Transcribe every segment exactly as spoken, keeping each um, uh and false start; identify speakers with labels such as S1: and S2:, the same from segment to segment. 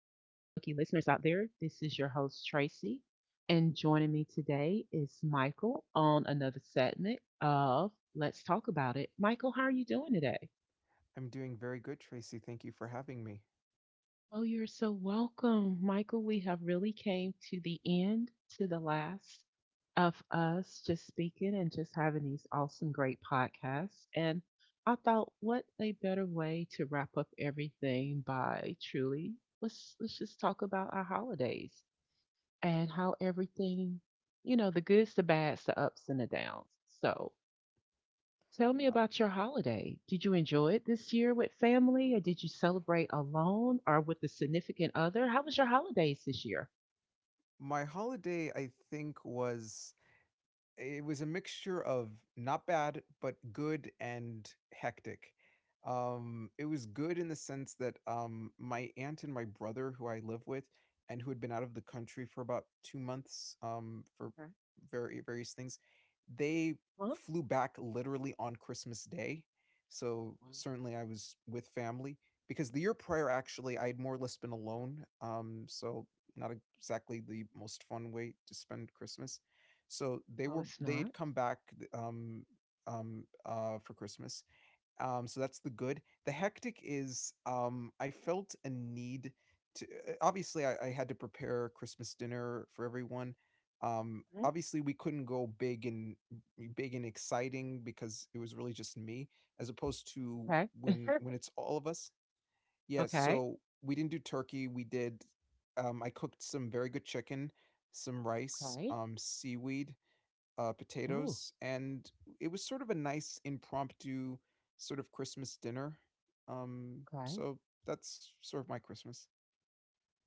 S1: listeners out there. This is your host, Tracy, and joining me today is Michael on another segment of Let's Talk About It. Michael, how are you doing today?
S2: I'm doing very good, Tracy. Thank you for having me.
S1: Oh, you're so welcome, Michael. We have really came to the end, to the last of us just speaking and just having these awesome, great podcasts. And I thought, what a better way to wrap up everything by truly let's let's just talk about our holidays and how everything, you know, the goods, the bads, the ups and the downs. So tell me
S2: Uh,
S1: about your holiday. Did you enjoy it this year with family, or did you celebrate alone or with a significant other? How was your holidays this year?
S2: my holiday, I think, was It was a mixture of not bad, but good and hectic. Um, it was good in the sense that um, my aunt and my brother, who I live with, and who had been out of the country for about two months um, for
S1: Okay.
S2: very various things, they
S1: Huh?
S2: flew back literally on Christmas Day. So
S1: Wow.
S2: certainly I was with family because the year prior, actually, I had more or less been alone. Um, so not exactly the most fun way to spend Christmas so they
S1: Oh,
S2: were
S1: it's
S2: they
S1: not.
S2: had come back um um uh for Christmas. Um so that's the good. The hectic is um I felt a need to uh, obviously I, I had to prepare Christmas dinner for everyone. Um
S1: Mhm.
S2: obviously we couldn't go big and big and exciting because it was really just me as opposed to
S1: Okay.
S2: when when it's all of us. Yeah,
S1: Okay.
S2: so we didn't do turkey. We did um I cooked some very good chicken, some rice,
S1: Okay.
S2: um seaweed, uh,
S1: Oh,
S2: potatoes, and it was sort of a nice impromptu sort of Christmas dinner. Um,
S1: okay.
S2: so that's sort of my Christmas.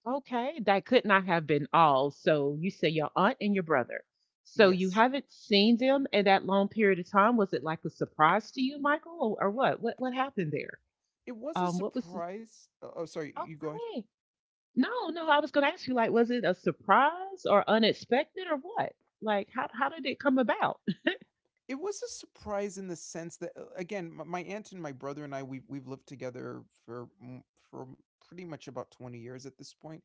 S1: Okay. That could not have been all. So you say your aunt and your brother. So you
S2: Yes,
S1: haven't seen them in that long period of time. Was it like a surprise to you, Michael, or, or what? What what happened there?
S2: it was a
S1: Um, what was the,
S2: surprise. Oh, oh, sorry, you go ahead.
S1: okay? No, no, I was gonna ask you, like, was it a surprise or unexpected or what? Like, how how did it come about?
S2: It was a surprise in the sense that, uh, again, m- my aunt and my brother and I we've we've lived together for mm, for pretty much about twenty years at this point.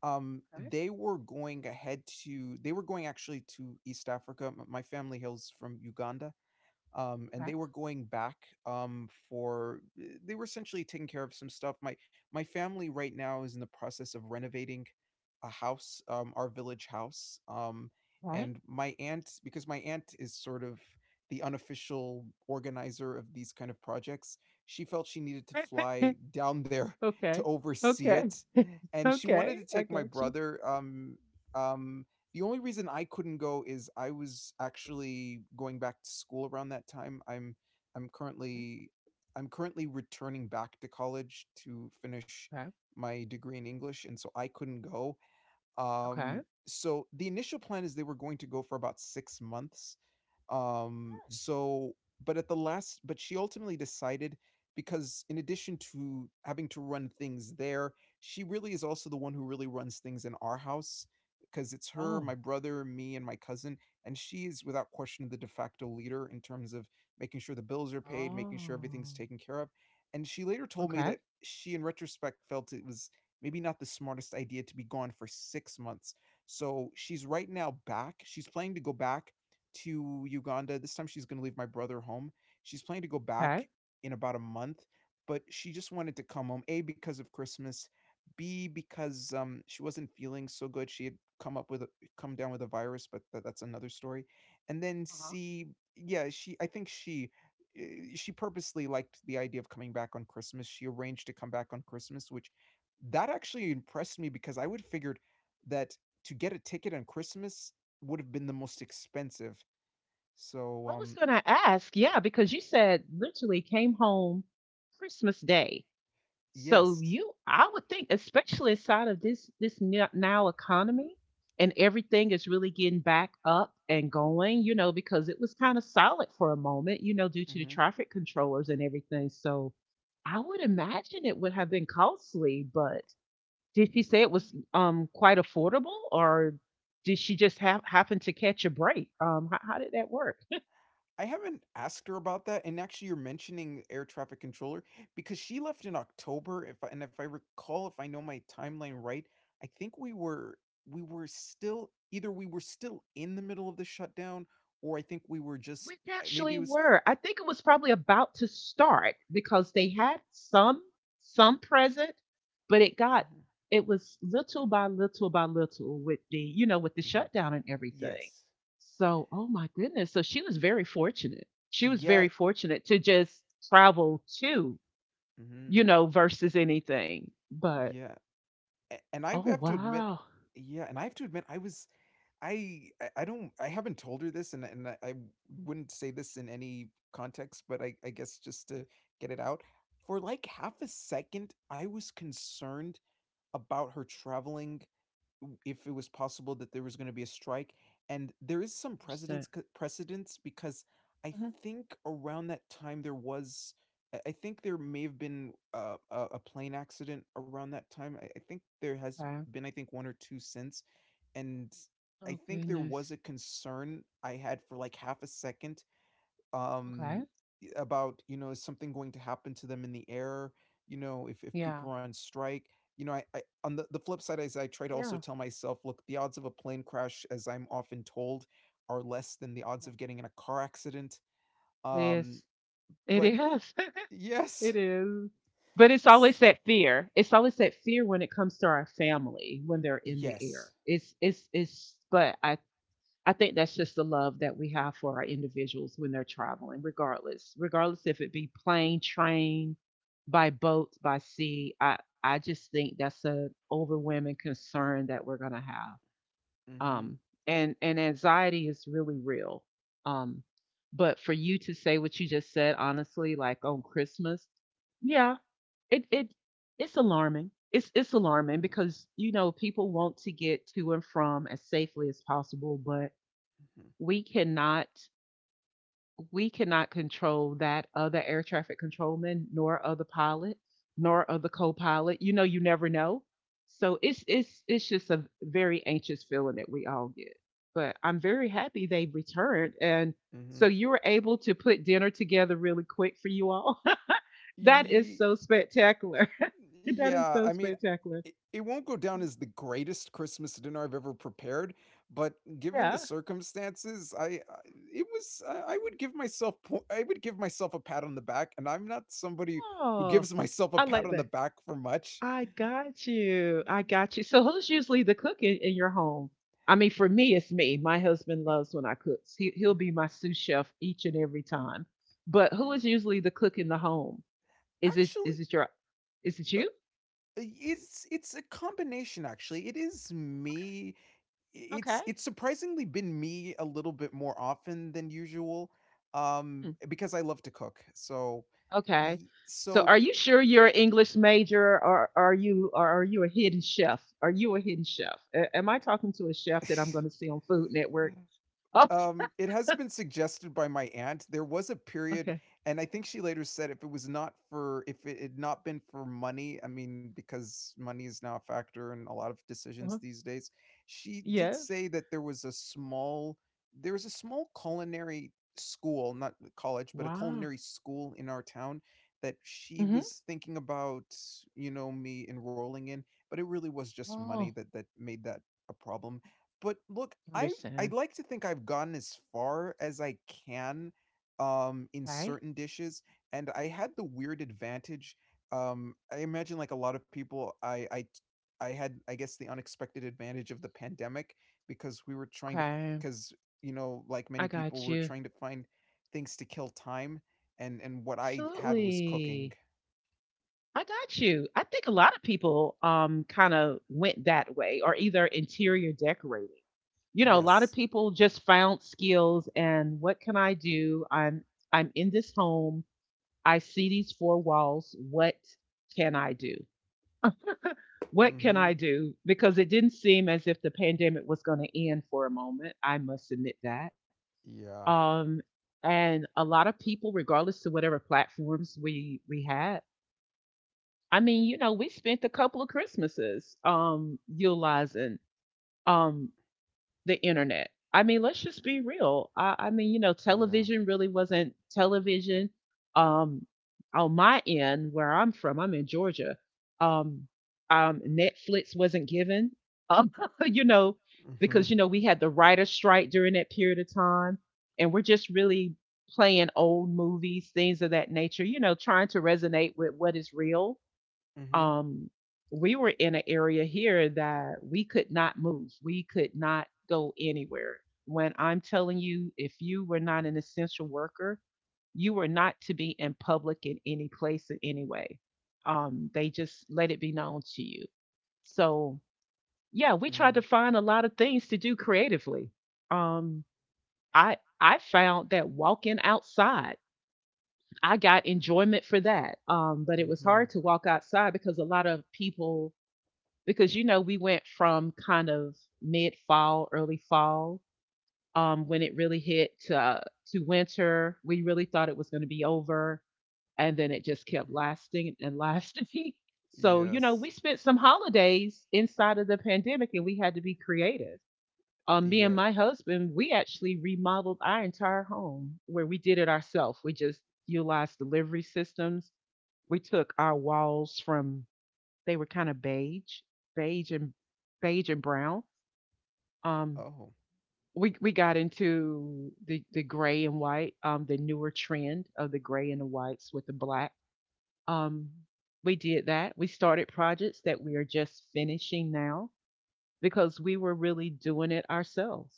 S2: Um, they were going ahead to they were going actually to East Africa. M- My family hails from Uganda, um, and they were going back um, for eh, they were essentially taking care of some stuff. My my family right now is in the process of renovating a house, um, our village house, um,
S1: Okay,
S2: and my aunt because my aunt is sort of the unofficial organizer of these kind of projects. She felt she needed to
S1: okay,
S2: fly down there to
S1: okay,
S2: oversee
S1: okay, okay,
S2: it, and she
S1: okay,
S2: wanted to
S1: I
S2: take my
S1: got you.
S2: brother. Um, um, the only reason I couldn't go is I was actually going back to school around that time. I'm I'm currently I'm currently returning back to college to finish
S1: Okay,
S2: my degree in English, and so I couldn't go.
S1: okay.
S2: Um, so the initial plan is they were going to go for about six months. Um, so, but at the last, but she ultimately decided because in addition to having to run things there, she really is also the one who really runs things in our house because it's her,
S1: Oh,
S2: my brother, me, and my cousin. And she is without question the de facto leader in terms of making sure the bills are paid, making sure everything's
S1: oh,
S2: taken care of. And she later told me
S1: okay,
S2: that she, in retrospect, felt it was maybe not the smartest idea to be gone for six months. So she's right now back. She's planning to go back to Uganda. This time she's going to leave my brother home. She's planning to go
S1: okay.
S2: back in about a month, but she just wanted to come home, A, because of Christmas, B, because um, she wasn't feeling so good. She had come up with a, come down with a virus, but tha- that's another story. And then
S1: Uh-huh.
S2: C, yeah, she, I think she, eh, she purposely liked the idea of coming back on Christmas. She arranged to come back on Christmas, which that actually impressed me because I would have figured that to get a ticket on Christmas would have been the most expensive. So,
S1: I was
S2: um,
S1: gonna ask, yeah, because you said literally came home Christmas Day. So
S2: yes.
S1: you, I would think, especially inside of this this n- now economy, and everything is really getting back up and going. You know, because it was kind of solid for a moment. You know, due to the
S2: hmm
S1: traffic controllers and everything. So I would imagine it would have been costly. But did she say it was um quite affordable, or did she just have happen to catch a break? Um, how, how did that work?
S2: I haven't asked her about that, and actually, you're mentioning air traffic controller because she left in October. If I, and if I recall, if I know my timeline right, I think we were we were still either we were still in the middle of the shutdown, or I think we were just
S1: We
S2: uh, maybe
S1: actually
S2: it was.
S1: were. I think it was probably about to start because they had some some present, but it got
S2: Mhm,
S1: it was little by little by little with the, you know, with the
S2: mhm.
S1: shutdown and everything.
S2: Yes.
S1: So oh my goodness. So she was very fortunate. She was
S2: Yeah.
S1: very fortunate to just travel to,
S2: Mhm,
S1: you know, versus anything. But
S2: yeah. A- and I
S1: oh
S2: have to admit
S1: wow.
S2: yeah, and I have to admit I was I I I don't I haven't told her this and and I I wouldn't say this in any context, but I I guess just to get it out. For like half a second, I was concerned about her traveling if it was possible that there was going to be a strike and there is some
S1: Just a-
S2: precedence c- precedence because I
S1: Mhm.
S2: think around that time there was i I think there may have been uh, a, a plane accident around that time I, I think there has
S1: Okay.
S2: been I think one or two since and I
S1: Oh
S2: think there was
S1: goodness.
S2: a concern I had for like half a second,
S1: Okay.
S2: um, about you know is something going to happen to them in the air? You know, if if
S1: Yeah.
S2: people are on strike, you know, I, I on the, the flip side is I try to also
S1: Yeah.
S2: tell myself, look, the odds of a plane crash, as I'm often told, are less than the odds
S1: Yeah.
S2: of getting in a car accident.
S1: It
S2: Um,
S1: is. It
S2: but
S1: is.
S2: yes,
S1: It is. But it's
S2: s-
S1: always that fear. It's always that fear when it comes to our family when they're in the air.
S2: yes.
S1: It's it's it's but I I think that's just the love that we have for our individuals when they're traveling, regardless. Regardless if it be plane, train, by boat, by sea. I I just think that's an overwhelming concern that we're gonna have,
S2: Mm-hmm.
S1: um and and anxiety is really real. um but for you to say what you just said honestly, like on Christmas, yeah, it it it's alarming. it's it's alarming
S2: Mm-hmm.
S1: because, you know, people want to get to and from as safely as possible, but we cannot, we cannot control that other air traffic controlman, nor other pilot, nor other co-pilot. You know, you never know. So it's it's it's just a very anxious feeling that we all get. But I'm very happy they have returned, and so you were able to put dinner together really quick for you all. That is
S2: Mm-hmm.
S1: so spectacular. That is
S2: Yeah, I
S1: so
S2: mean,
S1: spectacular.
S2: it, it won't go down as the greatest Christmas dinner I've ever prepared, but given the
S1: Yeah.
S2: circumstances, I, I it was I, I would give myself po- I would give myself a pat on the back, and I'm not somebody who
S1: Oh,
S2: gives myself a
S1: I
S2: pat
S1: like
S2: on the
S1: that.
S2: back for much.
S1: I got you. I
S2: Mm,
S1: got you. So who's usually the cook in, in your home? I mean, for me, it's me. My husband loves when I cook. He he'll be my sous chef each and every time. But who is usually the cook in the home? Is it is
S2: Actually,
S1: it your is it
S2: uh, uh,
S1: you?
S2: it's it's a combination. Actually, it is me
S1: Okay.
S2: it's
S1: Okay.
S2: it's surprisingly been me a little bit more often than usual um
S1: Hmm,
S2: because I love to cook. So
S1: okay.
S2: y-
S1: So
S2: so
S1: are you sure you're an English major, or are you or are you a hidden chef? Are you a hidden chef? A- am I talking to a chef that I'm going to see on Food Network? Oh,
S2: Um, it has been suggested by my aunt. There was a period,
S1: okay.
S2: and I think she later said if it was not for if it had not been for money, I mean, because money is now a factor in a lot of decisions
S1: Uh-huh.
S2: these days. She did
S1: Yes.
S2: say that there was a small there was a small culinary school, not college, but a
S1: Wow.
S2: culinary school in our town that she was thinking about, you know, me enrolling in, but it really was just money
S1: Mhm.
S2: that that made that a problem but look, I've I'd
S1: Understand.
S2: like to think I've gone as far as I can, um, in
S1: Okay.
S2: certain dishes, and I had the weird advantage, um, I imagine like a lot of people, I I t I had, I guess, the unexpected advantage of the pandemic because we were trying to
S1: Okay.
S2: because you know, like many
S1: I
S2: people,
S1: got
S2: were
S1: you.
S2: trying to find things to kill time, and and what I had was cooking.
S1: Absolutely. I got you. I think a lot of people um kind of went that way or either interior decorating. You know, a lot of
S2: Yes.
S1: people just found skills and what can I do? I'm I'm in this home. I see these four walls. What can I do? What can
S2: Mhm.
S1: I do? Because it didn't seem as if the pandemic was going to end for a moment. I must admit that.
S2: Yeah.
S1: Um, and a lot of people, regardless of whatever platforms we we had, I mean, you know, we spent a couple of Christmases um utilizing um the internet. I mean, let's just be real. I, I mean, you know,
S2: Yeah.
S1: television really wasn't television. Um, on my end, where I'm from, I'm in Georgia. Um, um, Netflix wasn't given. Um, you know,
S2: Mhm.
S1: because you know we had the writer's strike during that period of time, and we're just really playing old movies, things of that nature. You know, trying to resonate with what is real.
S2: Mhm.
S1: um, we were in an area here that we could not move. We could not go anywhere. When I'm telling you, if you were not an essential worker, you were not to be in public in any place in any way. Um, they just let it be known to you. So yeah, we tried
S2: Mhm.
S1: to find a lot of things to do creatively. Um, I I found that walking outside, I got enjoyment for that. Um, but it was
S2: Mhm.
S1: hard to walk outside because a lot of people, because you know we went from kind of mid fall, early fall, um, when it really hit to uh, to winter. We really thought it was going to be over, and then it just kept
S2: Mhm.
S1: lasting and lasting. So you know we
S2: Yes.
S1: spent some holidays inside of the pandemic, and we had to be creative. Um, me and
S2: Yeah.
S1: my husband, we actually remodeled our entire home where we did it ourselves. We just utilized delivery systems. We took our walls from they were kind of beige, beige and beige and brown. Um,
S2: Oh.
S1: we we got into the the gray and white, um, the newer trend of the gray and the whites with the black. Um, we did that. We started projects that we are just finishing now because we were really doing it ourselves.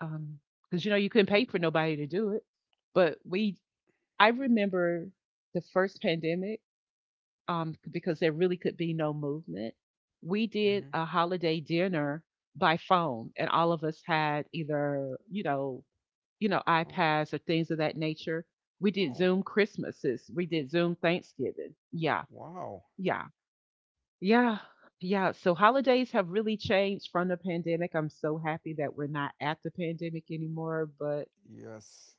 S1: Um, because you know you couldn't pay for nobody to do it, but we. I remember the first pandemic, um, because there really could be no movement. We
S2: Mm-hmm.
S1: did a holiday dinner by phone, and all of us had either, you know, you know,
S2: Oh.
S1: iPads or things of that nature. We did
S2: Oh.
S1: Zoom Christmases. We did Zoom Thanksgiving. Yeah,
S2: Wow.
S1: yeah, yeah, yeah. So holidays have really changed from the pandemic. I'm so happy that we're not at the pandemic anymore, but
S2: Yes.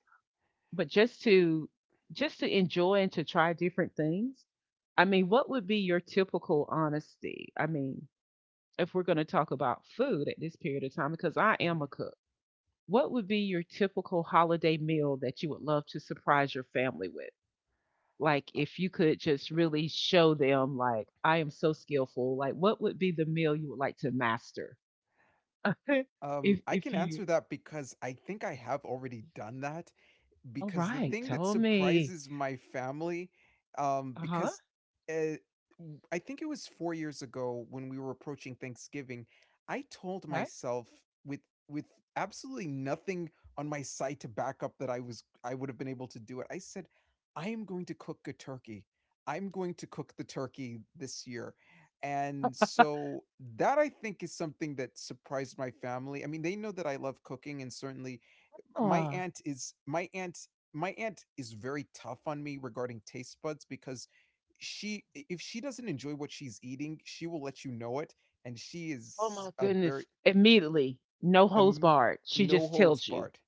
S1: but just to just to enjoy and to try different things. I mean, what would be your typical honesty, I mean, if we're going to talk about food at this period of time, because I
S2: Mhm.
S1: am a cook, what would be your typical holiday meal that you would love to surprise your family with? Like,
S2: Uh,
S1: if you could just really show them, like, I am so skillful, like what would be the meal you would like to master? if
S2: Um, I
S1: if
S2: can
S1: you,
S2: answer that because I think I have already done that.
S1: all
S2: Because the
S1: right
S2: thing that
S1: tell me.
S2: surprises my family, um,
S1: Uh-huh.
S2: because uh, w- I think it was four years ago when we were approaching Thanksgiving, I told
S1: Right.
S2: myself with with absolutely nothing on my side to back up that I was I would have been able to do it. I said, I am going to cook a turkey. I'm going to cook the turkey this year. And so that I think is something that surprised my family. I mean, they know that I love cooking and certainly my
S1: Ah.
S2: aunt is my aunt my aunt is very tough on me regarding taste buds because she if she doesn't enjoy what she's eating, she will let you know it and she
S1: Oh
S2: is
S1: my
S2: a very
S1: goodness. Immediately, no holds
S2: um,
S1: barred. She
S2: no
S1: just
S2: holds
S1: tells you.
S2: barred.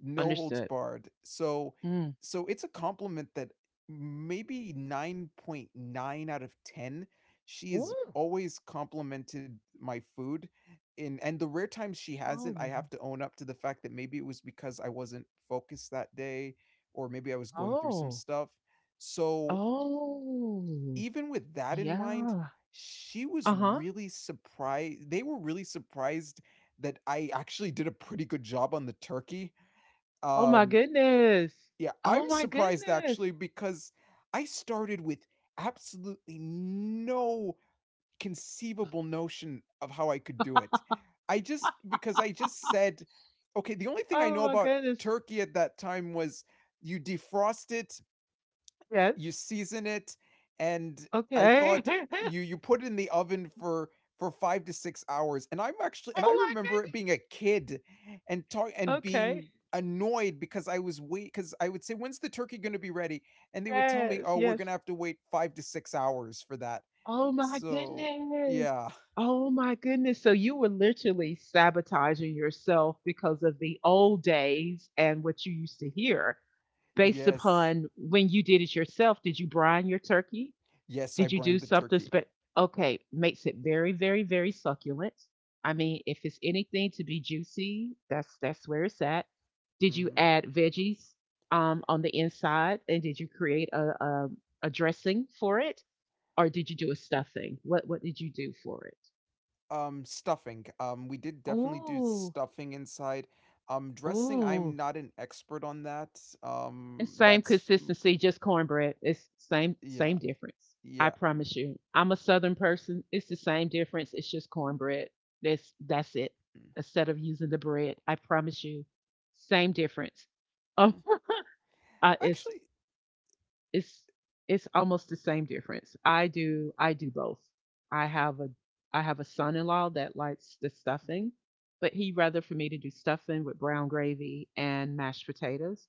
S2: No holds
S1: Understood.
S2: barred. So
S1: Mm.
S2: so it's a compliment that maybe nine point nine out of ten she has
S1: Ooh.
S2: always complimented my food and and the rare times she hasn't
S1: Oh.
S2: I have to own up to the fact that maybe it was because I wasn't focused that day or maybe I was going through some
S1: Oh.
S2: stuff so
S1: Oh.
S2: even with that in mind,
S1: Yeah.
S2: she was
S1: Uh-huh.
S2: really surprised they were really surprised that I actually did a pretty good job on the turkey.
S1: Oh my
S2: Um
S1: goodness.
S2: yeah, I'm
S1: Oh my
S2: surprised
S1: goodness.
S2: actually because I started with absolutely no conceivable notion of how I could do it. I just because I just said, okay, the only thing I
S1: Oh
S2: know
S1: my
S2: about
S1: goodness.
S2: turkey at that time was you defrost it you
S1: Yes.
S2: season it, and I
S1: Okay.
S2: thought you you put it in the oven for for five to six hours. And I'm actually and I
S1: Oh my
S2: remember being a
S1: goodness.
S2: kid and talk and
S1: Okay.
S2: being annoyed because I was wait because I would say, when's the turkey gonna be ready? And they would tell me,
S1: Yes.
S2: oh, we're
S1: Yes.
S2: gonna have to wait five to six hours for that.
S1: Oh my
S2: So
S1: goodness.
S2: yeah.
S1: Oh my goodness. So you were literally sabotaging yourself because of the old days and what you used to hear based
S2: Yes.
S1: upon when you did it yourself. Did you brine your turkey?
S2: Yes,
S1: Did
S2: I
S1: you do
S2: brined the
S1: something?
S2: turkey.
S1: Spe- okay, makes it very, very, very succulent. I mean, if it's anything to be juicy, that's that's where it's at. Did you
S2: hmm
S1: add veggies, um, on the inside, and did you create a, a a dressing for it? Or did you do a stuffing? What what did you do for it?
S2: Um, stuffing. Um, we did definitely do
S1: Oh,
S2: stuffing inside. Um, dressing, I'm
S1: oh,
S2: not an expert on that.
S1: it's
S2: Um,
S1: same
S2: that's
S1: consistency, just cornbread. It's same
S2: yeah,
S1: same difference. I
S2: yeah.
S1: promise you. I'm a southern person. It's the same difference. It's just cornbread. That's that's it.
S2: mm,
S1: Instead of using the bread, I promise you, same difference. Oh,
S2: huh.
S1: uh, it's
S2: Actually.
S1: it's it's almost the same difference. I do I do both. I have a I have a son-in-law that likes the stuffing, but he rather for me to do stuffing with brown gravy and mashed potatoes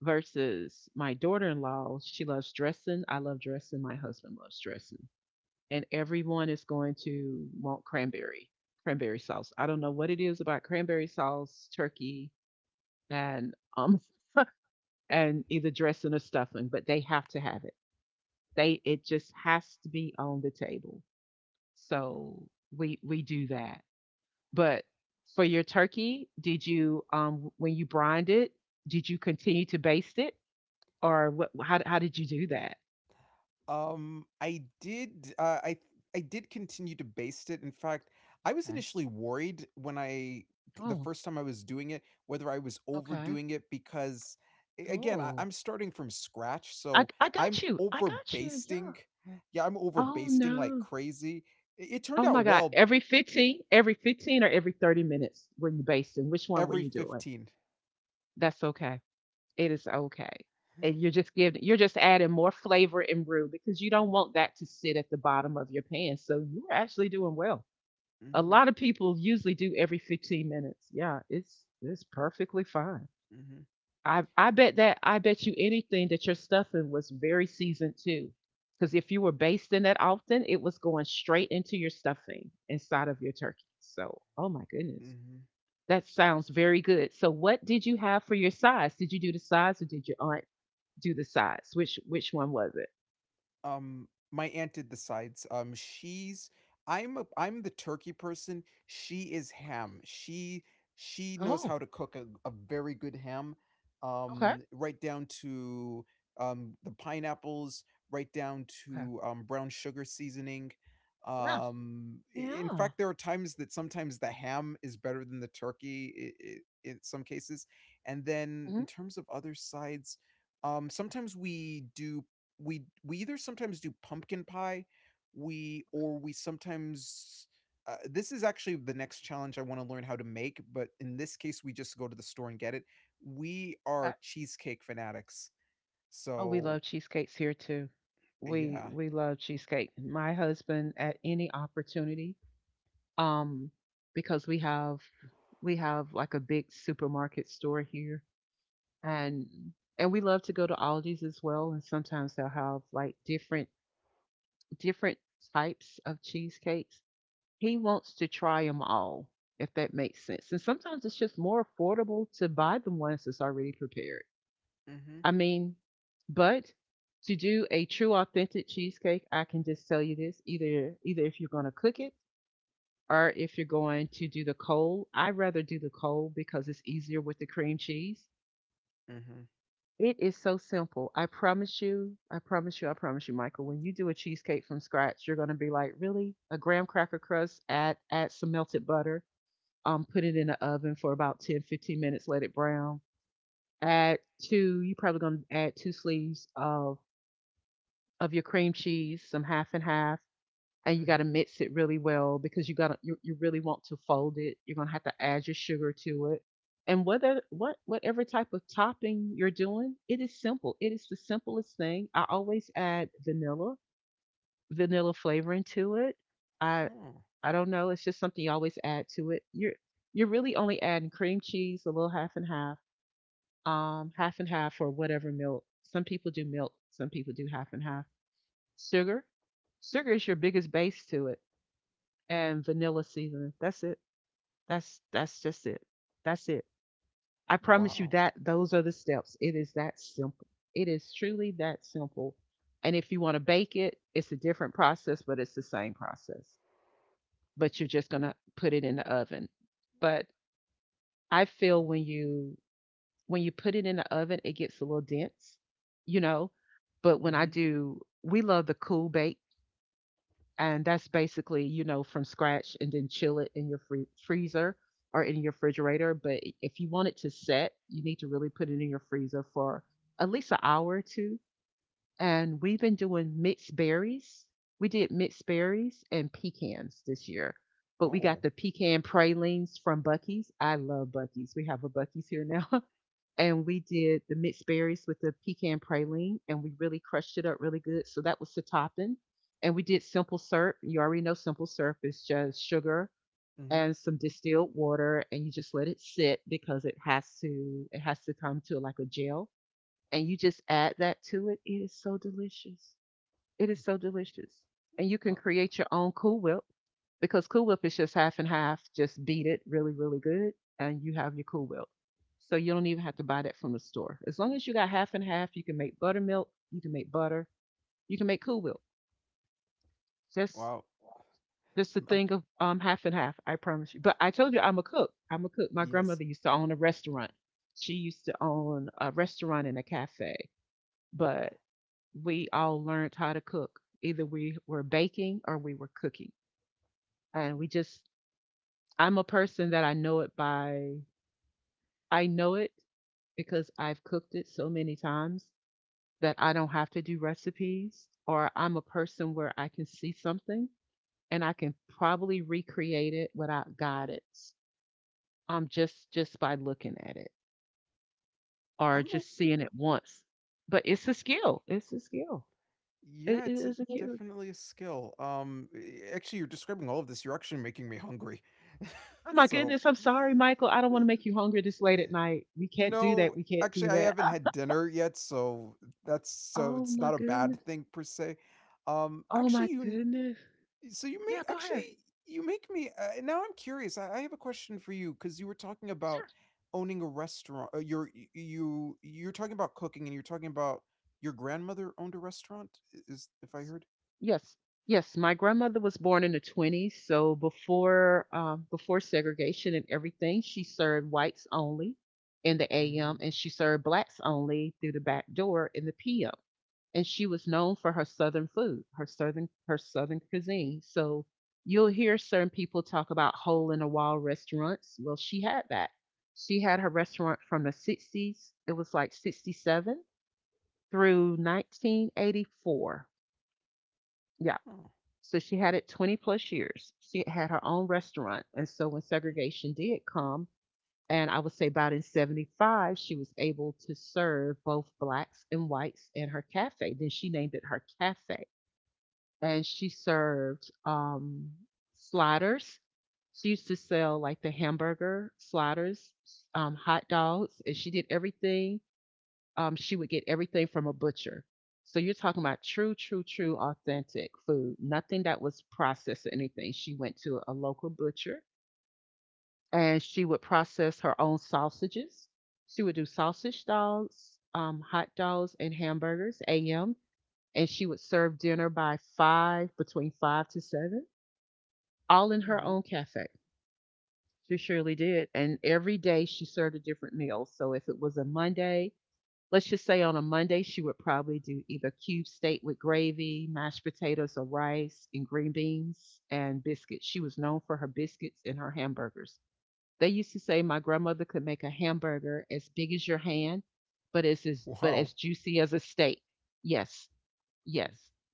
S1: versus my daughter-in-law, she loves dressing, I love dressing, my husband loves dressing. And everyone is going to want cranberry, cranberry sauce. I don't know what it is about cranberry sauce, turkey, and um and either dressing or stuffing, but they have to have it. They it just has to be on the table. So we we do that. But for your turkey, did you um when you brined it, did you continue to baste it or what how how did you do that?
S2: Um, I did, uh, I I did continue to baste it. In fact, I was
S1: Okay.
S2: initially worried when I the
S1: Oh,
S2: first time I was doing it, whether I was
S1: okay.
S2: overdoing it because a- again, I,
S1: Oh,
S2: I'm starting from scratch,
S1: I
S2: so
S1: I
S2: I'm
S1: got you. I
S2: over
S1: got you. Yeah.
S2: basting. Yeah, I'm over
S1: Oh
S2: basting like
S1: no.
S2: crazy. I- It, turned
S1: Oh
S2: out
S1: my God.
S2: well
S1: Every fifteen, every fifteen or every thirty minutes were you basting? Which one were
S2: every
S1: you doing?
S2: fifteen.
S1: That's okay. It is okay. And you're just giving you're just adding more flavor and brew because you don't want that to sit at the bottom of your pan. So you're actually doing well. A
S2: Mm-hmm.
S1: lot of people usually do every fifteen minutes. Yeah, it's it's perfectly fine.
S2: Hmm.
S1: I I bet that I bet you anything that your stuffing was very seasoned too. Because if you were basting that often, it was going straight into your stuffing inside of your turkey. So, oh my goodness,
S2: Hmm.
S1: that sounds very good. So, what did you have for your sides? Did you do the sides, or did your aunt do the sides? Which which one was it?
S2: Um, my aunt did the sides. Um, she's I'm a I'm the turkey person. She is ham. She she knows
S1: Oh,
S2: how to cook a, a very good ham.
S1: okay.
S2: Um, right down to um the pineapples, right down
S1: Okay.
S2: to um brown sugar seasoning.
S1: Yeah.
S2: Um, i- in
S1: Yeah.
S2: fact, there are times that sometimes the ham is better than the turkey I I in some cases. And then
S1: hmm
S2: in terms of other sides, um, sometimes we do we we either sometimes do pumpkin pie, we or we sometimes uh, this is actually the next challenge I want to learn how to make, but in this case, we just go to the store and get it. We
S1: Okay.
S2: are cheesecake fanatics,
S1: Oh, we
S2: so
S1: love cheesecakes here too. We
S2: yeah.
S1: we love cheesecake. My husband at any opportunity, um, because we have we have like a big supermarket store here, and and we love to go to Aldi's as well. And sometimes they'll have like different different types of cheesecakes. He wants to try them all, if that makes sense. And sometimes it's just more affordable to buy the ones that's already prepared.
S2: Mm-hmm.
S1: I mean, but to do a true authentic cheesecake, I can just tell you this, either either if you're going to cook it or if you're going to do the cold, I'd rather do the cold because it's easier with the cream cheese.
S2: Mm-hmm.
S1: It is so simple. I promise you, I promise you, I promise you, Michael, when you do a cheesecake from scratch, you're going to be like, "Really? A graham cracker crust, add add some melted butter, um, put it in the oven for about ten, fifteen minutes, let it brown. Add two, you're probably gonna add two sleeves of of your cream cheese, some half and half, and you gotta
S2: Mm-hmm.
S1: mix it really well because you gotta you, you really want to fold it. You're gonna have to add your sugar to it. And whether what whatever type of topping you're doing, it is simple. It is the simplest thing. I always add vanilla, vanilla flavoring to it. I
S2: Oh,
S1: I don't know. It's just something you always add to it. You're you're really only adding cream cheese, a little half and half, um, half and half for whatever milk. Some people do milk, some people do half and half. Sugar, Sugar is your biggest base to it, and vanilla seasoning. That's it. That's that's just it. That's it. I promise you
S2: wow.
S1: that those are the steps. It is that simple. It is truly that simple. And if you want to bake it, it's a different process, but it's the same process. But you're just gonna put it in the oven but I
S2: Huh.
S1: feel when you when you put it in the oven, it gets a little dense, you know. But when I
S2: Mm-hmm.
S1: do, we love the cool bake, and that's basically you know from scratch, and then chill it in your free- freezer or in your refrigerator. But i- if you want it to set, you need to really put it in your freezer for at least an hour or two. And we've been doing mixed berries. We did mixed berries and pecans this year. But we got
S2: Oh.
S1: the pecan pralines from Bucky's. I love Bucky's. We have a Bucky's here now. And we did the mixed berries with the pecan praline, and we really crushed it up really good. So that was the topping. And we did simple syrup. You already know simple syrup is just sugar
S2: Mm-hmm.
S1: and some distilled water, and you just let it sit because it has to it has to come to like a gel. And you just add that to it. It is so delicious. It is so delicious. And you can
S2: Oh,
S1: create your own Cool Whip because Cool Whip is just half and half, just beat it really, really good, and you have your Cool Whip. So you don't even have to buy that from the store. As long as you got half and half, you can make buttermilk, you can make butter, you can make Cool Whip. Just
S2: wow.
S1: just a
S2: I'm, I'm,
S1: thing of um half and half, I promise you. But I told you I'm a cook. I'm a cook. My
S2: yes.
S1: grandmother used to own a restaurant. She used to own a restaurant and a cafe, but we
S2: Mm,
S1: all learned how to cook. Either we were baking or we were cooking. And we
S2: mm.
S1: just, I'm a person that I know it by, I know it because I've cooked it so many times that I don't have to do recipes, or I'm a person where I can see something and I can probably recreate it without guidance. Um, just just by looking at it or
S2: I'm
S1: just seeing it once. But it's a skill. It's a skill. It,
S2: Yeah,
S1: it
S2: it's a,
S1: is a skill.
S2: definitely a skill. Um, eh, actually, you're describing all of this. You're actually making me hungry.
S1: Oh my
S2: So,
S1: goodness, I'm sorry, Michael. I don't want to make you hungry this late at night. We can't do
S2: no,
S1: that. We can't
S2: actually,
S1: do
S2: I
S1: that.
S2: haven't
S1: Ah,
S2: had dinner yet, so that's so
S1: oh
S2: it's
S1: my
S2: not a
S1: goodness.
S2: bad thing per se. Um,
S1: Oh my
S2: actually, you n-
S1: goodness.
S2: so you
S1: Yeah,
S2: make
S1: go ahead.
S2: actually You make me uh, now. I'm curious. I, I have a question for you because you were talking about
S1: Sure.
S2: owning a restaurant. Uh, you're y- you you're talking about cooking, and you're talking about your grandmother owned a restaurant. i- Is if I heard.
S1: Yes. Yes, my grandmother was born in the twenties, so before um, before segregation and everything, she served whites only in the A M
S2: Mm-hmm.
S1: and she served blacks only through the back door in the P M. And she was known for her southern food, her southern her southern cuisine. So you'll hear certain people talk about hole in the wall restaurants. Well, she had that. She had her restaurant from the sixties. It was like sixty-seven through nineteen eighty-four. Yep.
S2: Oh.
S1: So she had it twenty plus years. She had her own restaurant. And so when segregation did come, and I would say about in seventy-five, she was able to serve both blacks and whites in her cafe. Then she named it her cafe and she served um, sliders. She used to sell like the hamburger sliders, um, hot dogs, and she did everything. Um, she would get everything from a butcher. So you're talking about true, true, true, authentic food. Nothing that was processed or anything. She went to a local butcher and she would process her own sausages. She would do sausage dogs, um, hot dogs, and hamburgers, A M. And she would serve dinner by five, between five to seven all in her
S2: Mm-hmm.
S1: own cafe. She surely did. And every day she served a different meal. So if it was a Monday, let's just say on a Monday, she would probably do either cube steak with gravy, mashed potatoes or rice, and green beans and biscuits. She was known for her biscuits and her hamburgers. They used to say my grandmother could make a hamburger as big as your hand, but as, as but as
S2: Wow.
S1: juicy as a steak. Yes, yes.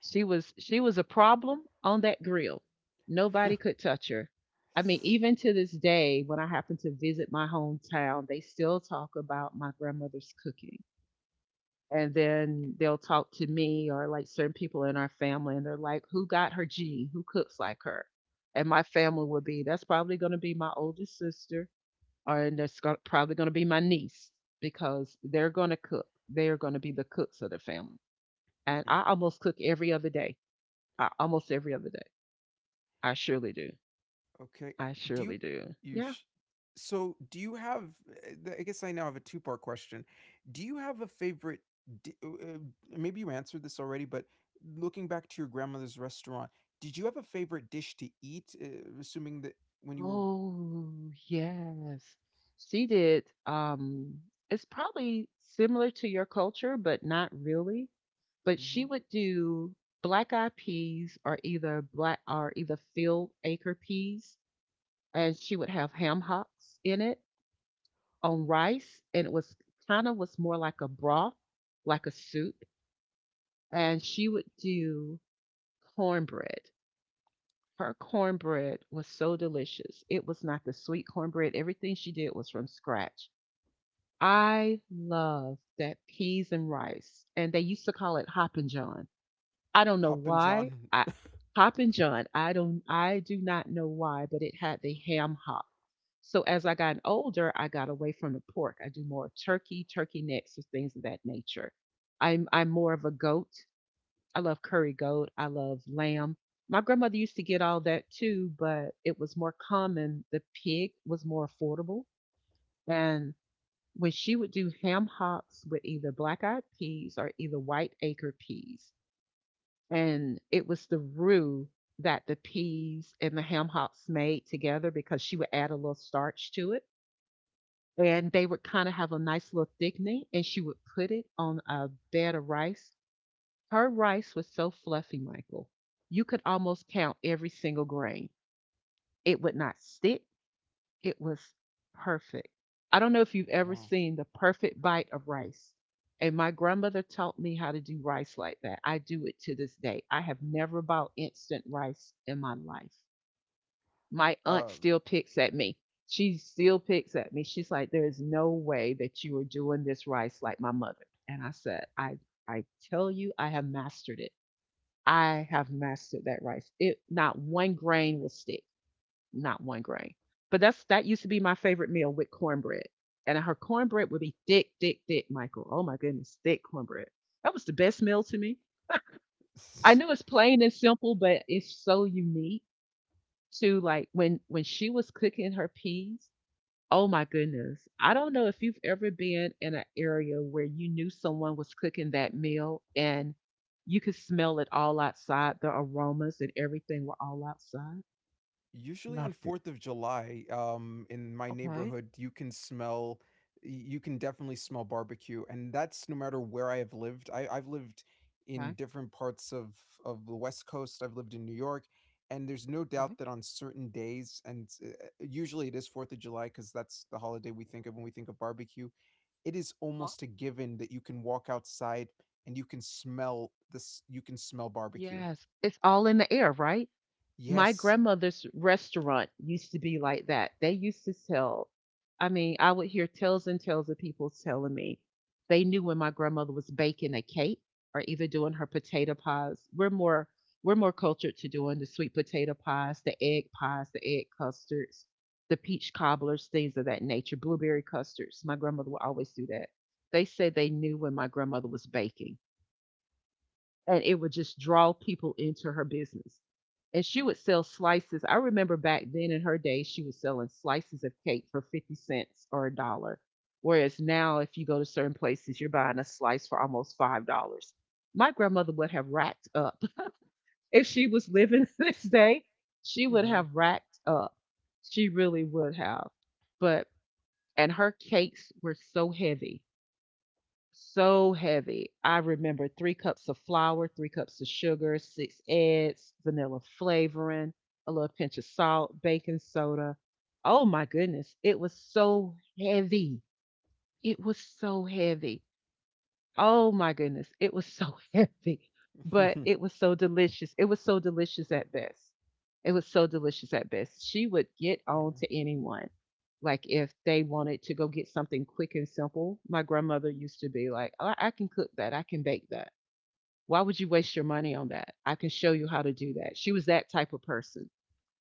S1: She was she was a problem on that grill. Nobody could touch her. I mean, even to this day, when I happen to visit my hometown, they still talk about my grandmother's cooking. And then they'll talk to me or like certain people in our family, and they're like, "Who got her gene? Who cooks like her?" And my family would be, "That's probably going to be my oldest sister, or and that's go- probably going to be my niece because they're going to cook. They're going to be the cooks of the family." And I almost cook every other day I, almost every other day. I surely do.
S2: Okay.
S1: I
S2: Do you
S1: surely do.
S2: you
S1: Yeah.
S2: sh- so do you have uh, I guess I now have a two-part question. Do you have a favorite di- uh, uh, maybe you answered this already but looking back to your grandmother's restaurant, did you have a favorite dish to eat uh, assuming that when you were
S1: Oh, yes. She did. Um, it's probably similar to your culture, but not really. But she
S2: Mhm.
S1: would do black eyed peas or either black or either field acre peas, and she would have ham hocks in it on rice, and it was kind of was more like a broth, like a soup. And she would do cornbread. Her cornbread was so delicious. It was not the sweet cornbread. Everything she did was from scratch. I love that peas and rice, and they used to call it Hoppin' John. I don't know
S2: Hop and
S1: why.
S2: John.
S1: I Hoppin' John. I don't. I do not know why, but it had the ham hop. So as I got older, I got away from the pork. I do more turkey, turkey necks, or things of that nature. I'm I'm more of a goat. I love curry goat. I love lamb. My grandmother used to get all that too, but it was more common. The pig was more affordable. And when she would do ham hocks with either black eyed peas or either white acre peas, and it was the roux that the peas and the ham hocks made together because she would add a little starch to it. And they would kind of have a nice little thickening, and she would put it on a bed of rice. Her rice was so fluffy, Michael. You could almost count every single grain. It would not stick. It was perfect. I don't know if you've ever
S2: Wow.
S1: seen the perfect bite of rice. And my grandmother taught me how to do rice like that. I do it to this day. I have never bought instant rice in my life. My aunt
S2: Uh.
S1: still picks at me. She still picks at me. She's like, there is no way that you are doing this rice like my mother. And I said, I I tell you, I have mastered it. I have mastered that rice. It not one grain will stick, not one grain. But that's that used to be my favorite meal with cornbread, and her cornbread would be thick, thick, thick, Michael. Oh my goodness, thick cornbread. That was the best meal to me. I know it's plain and simple, but it's so unique to, like, when when she was cooking her peas. Oh my goodness. I don't know if you've ever been in an area where you knew someone was cooking that meal and you could smell it all outside. The aromas and everything were all outside.
S2: Usually on
S1: Loved it.
S2: fourth of July, um, in my
S1: Okay.
S2: neighborhood, you can smell you can definitely smell barbecue, and that's no matter where I have lived. I I've lived in
S1: Okay.
S2: different parts of of the West Coast, I've lived in New York, and there's no
S1: Okay.
S2: doubt that on certain days, and, uh, uh, usually it is fourth of July because that's the holiday we think of when we think of barbecue, it is
S1: Huh.
S2: almost a given that you can walk outside and you can smell this you can smell barbecue.
S1: Yes. It's all in the air, right? My
S2: Yes.
S1: grandmother's restaurant used to be like that. They used to sell, I mean, I would hear tales and tales of people telling me they knew when my grandmother was baking a cake or either doing her potato pies. We're more we're more cultured to doing the sweet potato pies, the egg pies, the egg custards, the peach cobblers, things of that nature, blueberry custards. My grandmother would always do that. They said they knew when my grandmother was baking and it would just draw people into her business. And she would sell slices. I remember back then in her day, she was selling slices of cake for fifty cents or a dollar. Whereas now, if you go to certain places, you're buying a slice for almost five dollars. My grandmother would have racked up. If she was living, this day, she would
S2: Mhm.
S1: have racked up. She really would have. But, and her cakes were so heavy so heavy. I remember three cups of flour, three cups of sugar, six eggs, vanilla flavoring, a little pinch of salt, baking soda. Oh my goodness, it was so heavy. It was so heavy. Oh my goodness, it was so heavy, but it was so delicious. It was so delicious at best. It was so delicious at best. She would get on to anyone. Like if they wanted to go get something quick and simple, my grandmother used to be like, "Oh, I can cook that. I can bake that. Why would you waste your money on that? I can show you how to
S2: Yeah.
S1: do that." She was that type of person.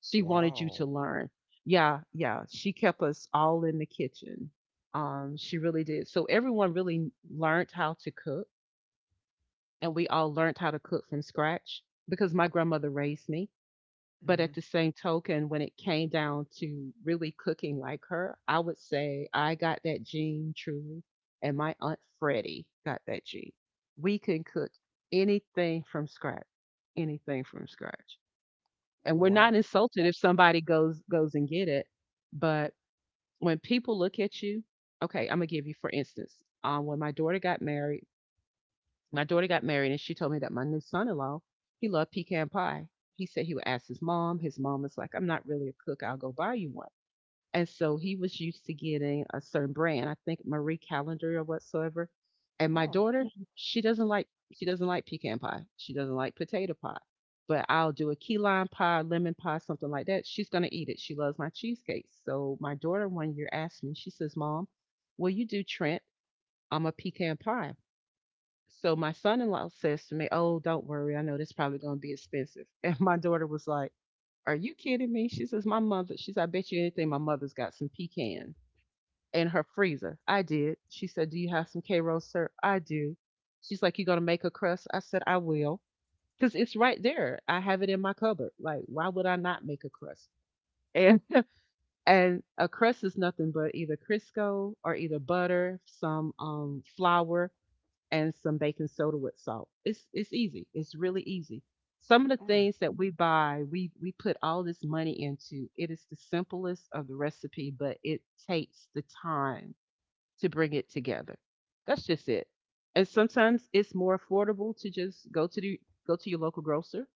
S1: She wanted you
S2: Wow.
S1: to learn. Yeah, yeah. She kept us all in the kitchen. Um, she really did. So everyone really learned how to cook, and we all learned how to cook from scratch because my grandmother raised me. But at
S2: Mhm.
S1: the same token, when it came down to really cooking like her, I would say I got that gene truly, and my aunt Freddie got that gene. We can cook anything from scratch, anything from scratch, and we're not
S2: Wow.
S1: insulted if somebody goes goes and get it. But when people look at you, okay, I'm gonna give you for instance, um, when my daughter got married. My daughter got married, and she told me that my new son-in-law, he loved pecan pie. He said he would ask his mom. His mom was like, "I'm not really a cook. I'll go buy you one." And so he was used to getting a certain brand. I think Marie Calendar or whatsoever. And my
S2: Oh,
S1: daughter, she doesn't like she doesn't like pecan pie. She doesn't like potato pie. But I'll do a key lime pie, lemon pie, something like that. She's gonna eat it. She loves my cheesecake. So my daughter one year asked me, she says, "Mom, will you do Trent? I'm a pecan pie." So my son-in-law says to me, "Oh, don't worry. I know this probably going to be expensive." And my daughter was like, "Are you kidding me?" She says, "My mother." She's, "I bet you anything. My mother's got some pecan in her freezer." I did. She said, "Do you have some K roll syrup?" I do. She's like, "You going to make a crust?" I said, "I will," because it's right there. I have it in my cupboard. Like, why would I not make a crust? And and a crust is nothing but either Crisco or either butter, some um flour, and some baking soda with salt. It's it's easy. It's really easy. Some of the
S2: oh,
S1: things that we buy, we we put all this money into. It is the simplest of the recipe, but it takes the time to bring it together. That's just it. And sometimes it's more affordable to just go to the go to your local grocer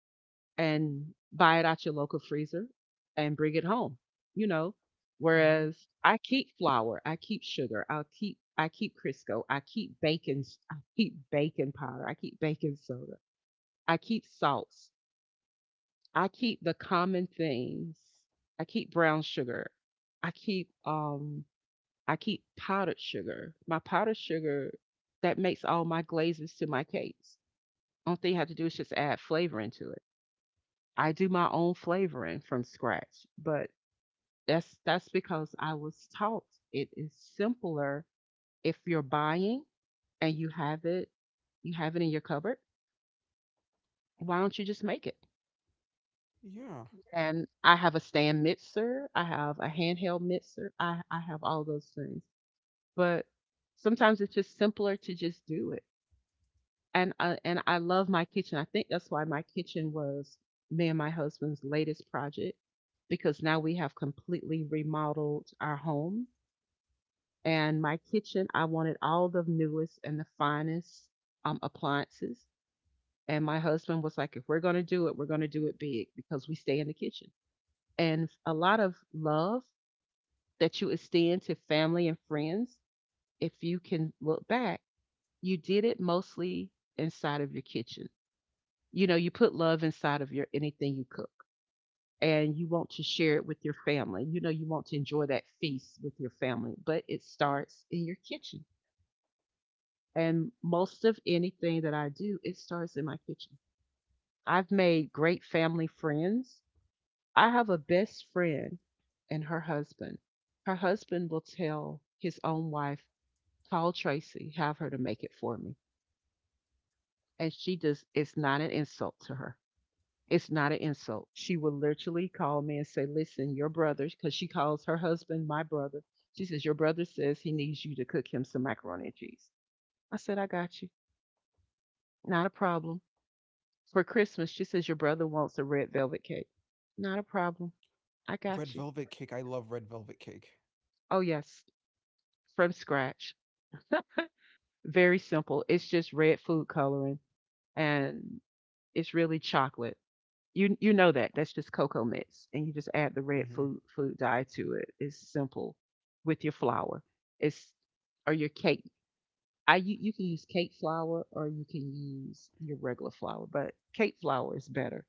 S1: and buy it out your local freezer and bring it home, you know.
S2: mhm.
S1: Whereas I keep flour, I keep sugar, I'll keep I keep Crisco, I keep baking, s- I keep baking powder, I keep baking soda, I keep salts, I keep the common things, I keep brown sugar, I keep um I keep powdered sugar. My powdered sugar that makes all my glazes to my cakes. Only thing you have to do is just add flavor into. I do my own flavoring from scratch, but that's that's because I was taught it is simpler if you're buying and you have it you have it in your cupboard, why don't you just make it?
S2: Yeah.
S1: And I have a stand mixer, I have a handheld mixer, I, I have all those things. But sometimes it's just simpler to just do. And I, and I love my kitchen. I think that's why my kitchen was me and my husband's latest project because now we have completely remodeled our home and my kitchen. I wanted all the newest and the finest um, appliances. And my husband was like, if we're going to do it, we're going to do it big because we stay in the kitchen. And a lot of love that you extend to family and friends, if you can look back, you did it mostly inside of your kitchen. You know, you put love inside of your, anything you cook, and you want to share it with your family. You know, you want to enjoy that feast with your family, but it starts in your kitchen. And most of anything that I do, it starts in my kitchen. I've made great family friends. I have a best friend and her husband. Her husband will tell his own wife, "Call Tracy, have her to make it for me." And she does. It's not an insult to her. It's not an insult. She will literally call me and say, "Listen, your brother," because she calls her husband my brother. She says, "Your brother says he needs you to cook him some macaroni and cheese." I said, "I got you. Not a problem." For Christmas, she says, "Your brother wants a red velvet cake." Not a problem. I
S2: Red
S1: got you.
S2: velvet cake, I love red velvet cake.
S1: Oh, yes, from scratch. Very simple. It's just red food coloring and it's really chocolate. You you know that. That's just cocoa mix, and you just add the red
S2: Mhm,
S1: food food dye to it. It's simple with your flour. It's or your cake. I you, you can use cake flour or you can use your regular flour, but cake flour is better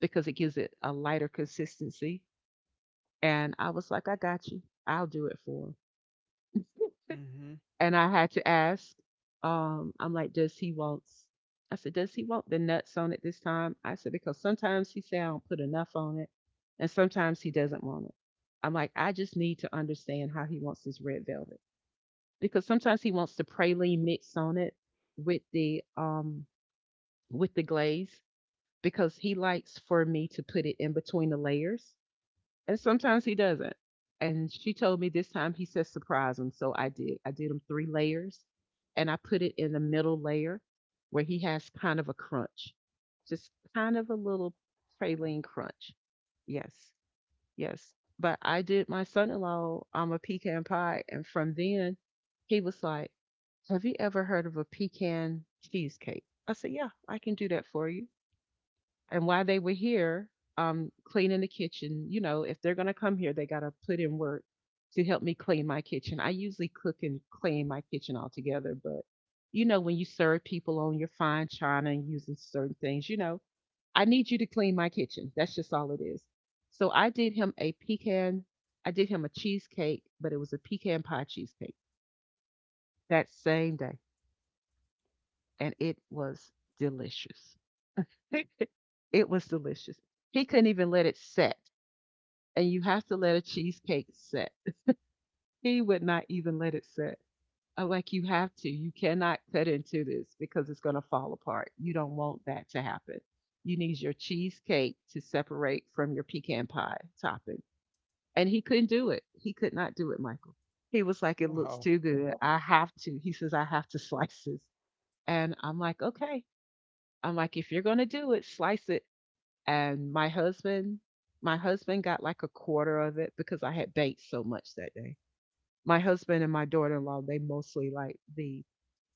S1: because it gives it a lighter consistency. And I was like, "I got you. I'll do it for 'em."
S2: mhm.
S1: And I had to ask, um, I'm like, "Does he want? s-" I said, does he want the nuts on it this time?" I said because sometimes he say I don't put enough on it, and sometimes he doesn't want it. I'm like, I just need to understand how he wants his red velvet because sometimes he wants the praline mix on it with the um with the glaze because he likes for me to put it in between the layers and sometimes he doesn't. And she told me this time he said surprise him. So I did. I did him three layers and I put it in the middle layer where he has kind of a crunch, just kind of a little
S2: Oh,
S1: praline crunch. Yes, yes. But I did my son in law um, a pecan pie. And from then, he was like, "Have you ever heard of a pecan cheesecake?" I said, "Yeah, I can do that for you." And while they were here um cleaning the kitchen, you know if they're going to come here, they got to put in work to help me clean my kitchen. I usually cook and clean my kitchen altogether, but you know when you serve people on your fine china and using certain things, you know I need you to clean my kitchen. That's just all it is. So i did him a pecan i did him a cheesecake, but it was a pecan pie cheesecake that same day. And it was delicious. It was delicious. He couldn't even let it set, and you have to let a cheesecake set. He would not even let it set. I'm like, you have to. You cannot cut into this because it's going to fall apart. You don't want that to happen. You need your cheesecake to separate from your pecan pie topping. And he couldn't do it. He could not do it, Michael. He was like, it looks
S2: wow.
S1: too good. I have to. He says, I have to slice this. And I'm like, okay. I'm like, if you're going to do it, slice it. And my husband my husband got like a quarter of it because I had baked so much that day. My husband and my daughter-in-law, they mostly like the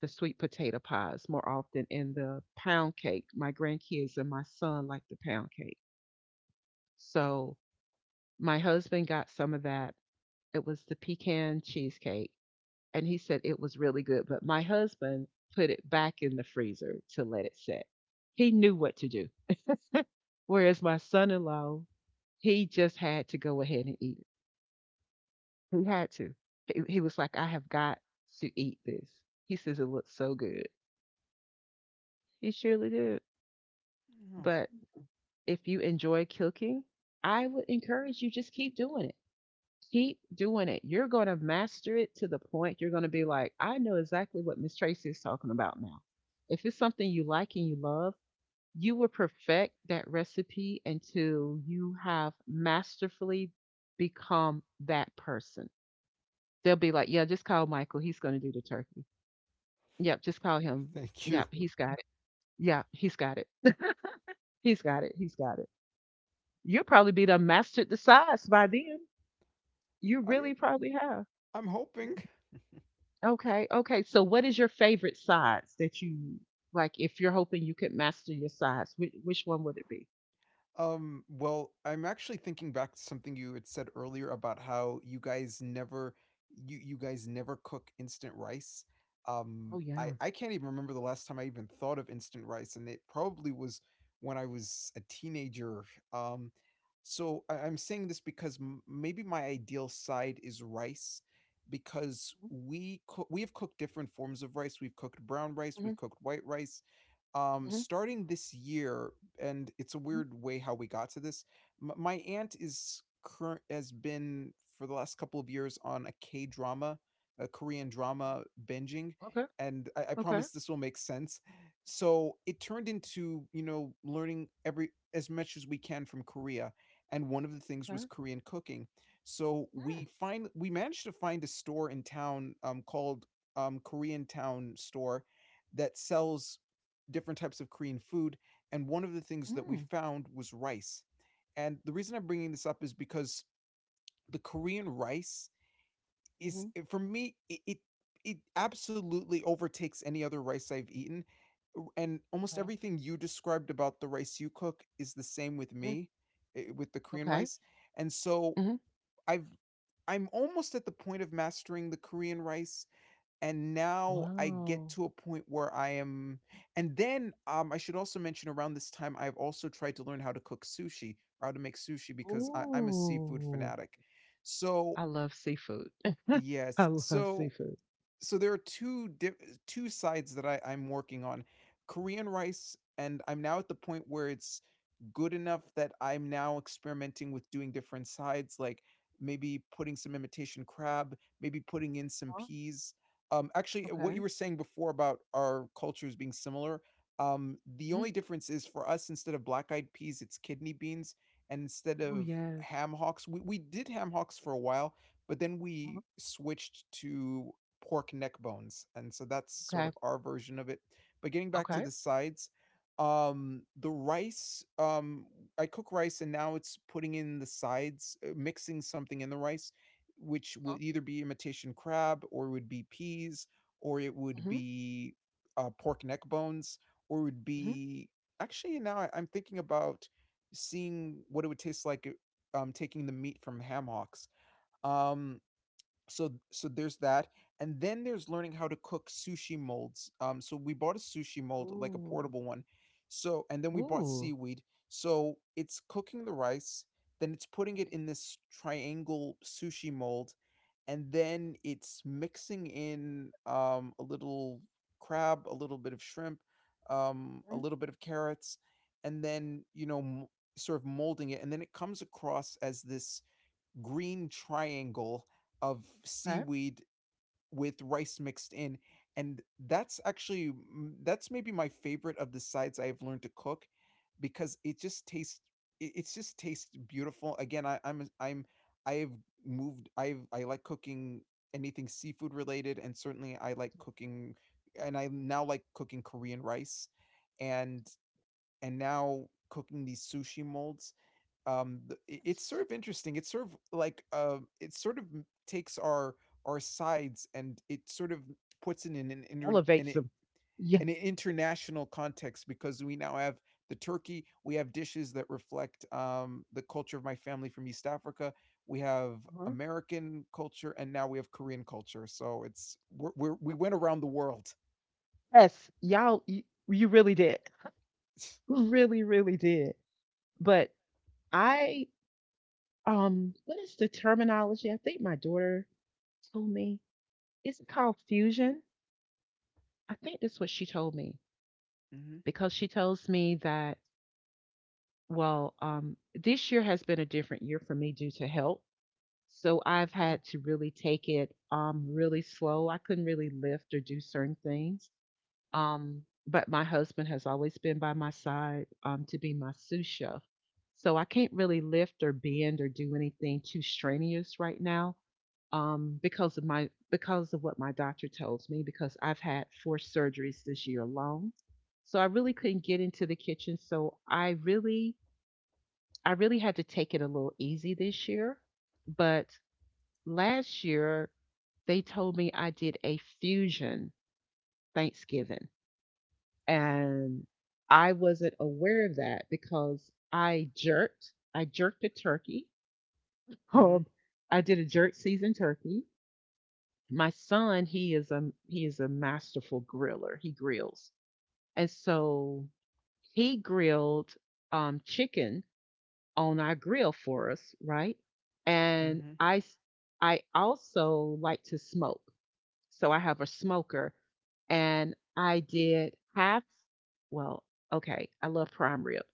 S1: the sweet potato pies more often and the pound cake. My grandkids and my son like the pound cake. So my husband got some of that. It was the pecan cheesecake, and he said it was really good, but my husband put it back in the freezer to let it set. He knew what to do. Whereas my son-in-law, he just had to go ahead and eat. He had to. He he was like, "I have got to eat this." He says it looks so good. He surely did.
S2: Oh,
S1: But if you enjoy cooking, I would encourage you, just keep doing it. Keep doing it. You're going to master it to the point you're going to be like, "I know exactly what Miss Tracy is talking about now." If it's something you like and you love, you will perfect that recipe until you have masterfully become that person. They'll be like, "Yeah, just call Michael. He's going to do the turkey." Yep, just call him.
S2: thank you.
S1: Yep, he's got it. Yeah, he's got it. He's got it. He's got it. You'll probably be done mastered the sides by then. You
S2: I'm
S1: really probably have.
S2: I'm hoping.
S1: Okay, okay. So what is your favorite sides that you like? If you're hoping you could master your sides, which, which one would it be?
S2: Um, well, I'm actually thinking back to something you had said earlier about how you guys never you you guys never cook instant rice.
S1: Oh,
S2: Um, I
S1: yeah.
S2: I can't even remember the last time I even thought of instant rice, and it probably was when I was a teenager. Um, so I, I'm saying this because m- maybe my ideal side is rice because we cook we have cooked different forms of rice. We've cooked brown rice,
S1: Mm-hmm,
S2: we've cooked white rice, um,
S1: mm-hmm.
S2: starting this year and it's a
S1: hmm
S2: weird way how we got to this. M- my aunt is current has been for the last couple of years on a K drama, a Korean drama binging,
S1: Okay,
S2: and I, I
S1: okay,
S2: promise this will make sense. So it turned into you know learning every as much as we can from Korea, and one of the things
S1: okay.
S2: was Korean cooking. So we find we managed to find a store in town um, called um, Korean Town Store that sells different types of Korean food and one of the things that we
S1: Mm-hmm,
S2: found was rice. And the reason I'm bringing this up is because the Korean rice
S1: mm-hmm,
S2: is, eh, for me, it, it, it absolutely overtakes any other rice I've eaten. And almost everything you described about the rice you cook is the same with
S1: okay. mm,
S2: me, eh, with the Korean
S1: okay.
S2: rice. And so
S1: hmm
S2: I've I'm almost at the point of mastering the Korean rice and now I get
S1: Wow.
S2: to a point where I am and then, um, I should also mention around this time, I've also tried to learn how to cook sushi or how to make sushi because I I'm a seafood
S1: Ooh,
S2: fanatic. So
S1: I love seafood. I
S2: yes.
S1: love
S2: So
S1: seafood.
S2: so there are two di- two sides that I, I'm working on Korean rice, and I'm now at the point where it's good enough that I'm now experimenting with doing different sides, like maybe putting some imitation crab, maybe putting in some peas. Um, actually, uh, what you
S1: Okay.
S2: were saying before about our cultures being similar, um, the
S1: Mhm.
S2: only difference is for us, instead of black eyed peas, it's kidney beans, and instead
S1: Oh,
S2: of
S1: yes.
S2: ham hocks, we, we did ham hocks for a while, but then
S1: Mhm.
S2: we switched to pork neck bones, and so that's sort
S1: Okay.
S2: of our version of it. But getting back to
S1: Okay.
S2: the sides, um, the rice, um, I cook rice, and now it's putting in the sides, uh, mixing something in the rice, which would either be imitation crab, or it would be peas, or it would
S1: Mm-hmm.
S2: be uh, pork neck bones, or it would
S1: Mm-hmm.
S2: be actually now I- I'm thinking about seeing what it would taste like uh, um, taking the meat from ham hocks. Um, so so there's that and then there's learning how to cook sushi molds, um so we bought a sushi mold like a
S1: Ooh.
S2: portable one, so and then we bought
S1: Ooh.
S2: seaweed, so it's cooking the rice, then it's putting it in this triangle sushi mold, and then it's mixing in um a little crab, a little bit of shrimp, um a
S1: Mhm.
S2: little bit of carrots, and then you know m- sort of molding it, and then it comes across as this green triangle of
S1: Okay.
S2: seaweed with rice mixed in, and that's actually m- that's maybe my favorite of the sides I've learned to cook because it just tastes it, it's just tastes beautiful. Again, I, I'm I'm I've moved. I've I like cooking anything seafood related, and certainly I like cooking, and I now like cooking Korean rice, and and now cooking these sushi molds. Um th- i- it's
S1: Yes.
S2: sort of interesting, it's sort of like, uh, it sort of m- takes our our sides and it sort of puts it in an inter- in
S1: Elevates
S2: it
S1: them. Yeah.
S2: an international context because we now have the turkey, we have dishes that reflect um, the culture of my family from East Africa, we have
S1: Uh-huh.
S2: American culture, and now we have Korean culture. So it's we're, we're we went around the world.
S1: Yes, y'all, you, you really did. Really, really did. But I, um, what is the terminology? I think my daughter told me. Is it called fusion? I think that's what she told me
S2: Hmm.
S1: because she tells me that, well, um, this year has been a different year for me due to health. So I've
S2: Oh.
S1: had to really take it um really slow. I couldn't really lift or do certain things. Um but my husband has always been by my side um to be my sous chef. So I can't really lift or bend or do anything too strenuous right now um because of my because of what my doctor tells me because I've had four surgeries this year alone. So I really couldn't get into the kitchen, so I really I really had to take it a little easy this year. But last year, they told me I did a fusion Thanksgiving, and I wasn't aware of that because I jerked. I jerked a turkey.
S2: Hmm.
S1: Um, I did a jerk seasoned turkey. My son, he is a he is a masterful griller. He grills, and so he grilled um, chicken on our grill for us, right? And
S2: Hmm.
S1: I s- I also like to smoke. So I have a smoker, and I did half. Well, okay, I love prime rib,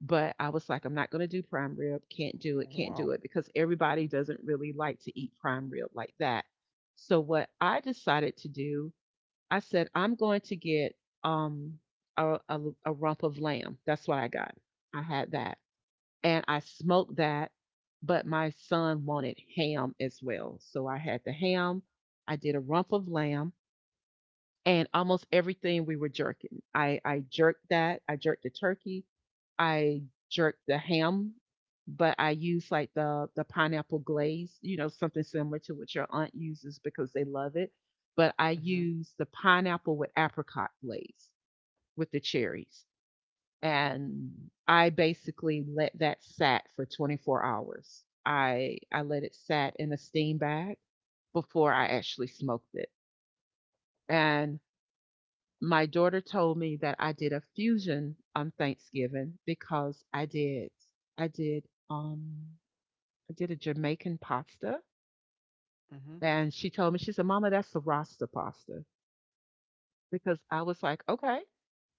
S1: but I was like, I'm not going to do prime rib. Can't do it. Can't do
S2: Wow.
S1: it because everybody doesn't really like to eat prime rib like that. So what I decided to do, I said, I'm going to get um a, a, a rump of lamb. That's what I got. I had that, and I smoked that. But my son wanted ham as well. So I had the ham. I did a rump of lamb, and almost everything we were jerking. I I jerked that. I jerked the turkey. I jerked the ham, but I used like the the pineapple glaze. You know, something similar to what your aunt uses because they love it. But I
S2: Hmm.
S1: used the pineapple with apricot glaze with the cherries, and I basically let that sat for twenty-four hours. I I let it sat in a steam bag before I actually smoked it. And my daughter told me that I did a fusion on Thanksgiving because I did I did um I did a Jamaican pasta,
S2: Hmm.
S1: and she told me, she said, "Mama, that's the Rasta pasta." Because I was like, "Okay,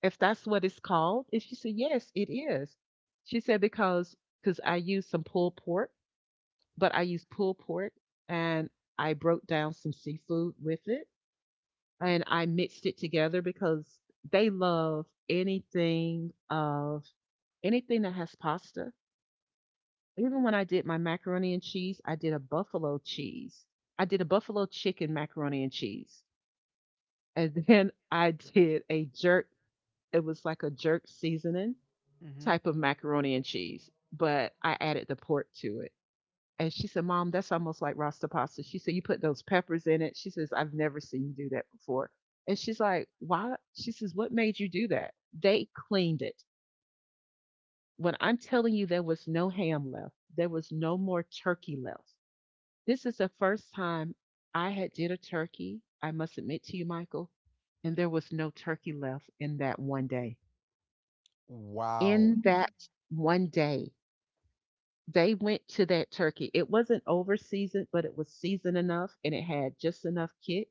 S1: if that's what it's called." And she said, "Yes, it is." She said because cuz I used some pulled pork, but I used pulled pork, and I broke down some seafood with it, and I mixed it together because they love anything of anything that has pasta. Even when I did my macaroni and cheese, I did a buffalo cheese. I did a buffalo chicken macaroni and cheese. And then I did a jerk, it was like a jerk seasoning
S2: Hmm.
S1: type of macaroni and cheese, but I added the pork to it. And she said, "Mom, that's almost like Rasta pasta." She said, "You put those peppers in it." She says, "I've never seen you do that before." And she's like, "Why?" She says, "What made you do that?" They cleaned it. When I'm telling you, there was no ham left, there was no more turkey left. This is the first time I had did a turkey. I must admit to you, Michael, and there was no turkey left in that one day. In
S2: Wow.
S1: that one day, they went to that turkey. It it it wasn't was over seasoned, seasoned but enough, enough, and it had just enough kick.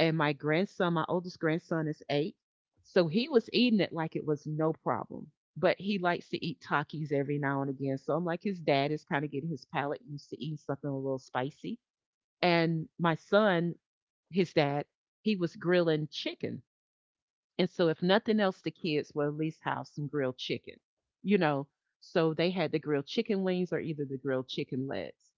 S1: And my grandson, my oldest grandson is eight. So he was eating it like it was no problem. But he likes to eat Takis every now and again. So I'm like, his dad is kind of getting his palate used to eating something a little spicy. And my son, his dad, he was grilling chicken. And so, if nothing else, the kids will at least have some grilled chicken, you know. So they had the grilled chicken wings or either the grilled chicken legs.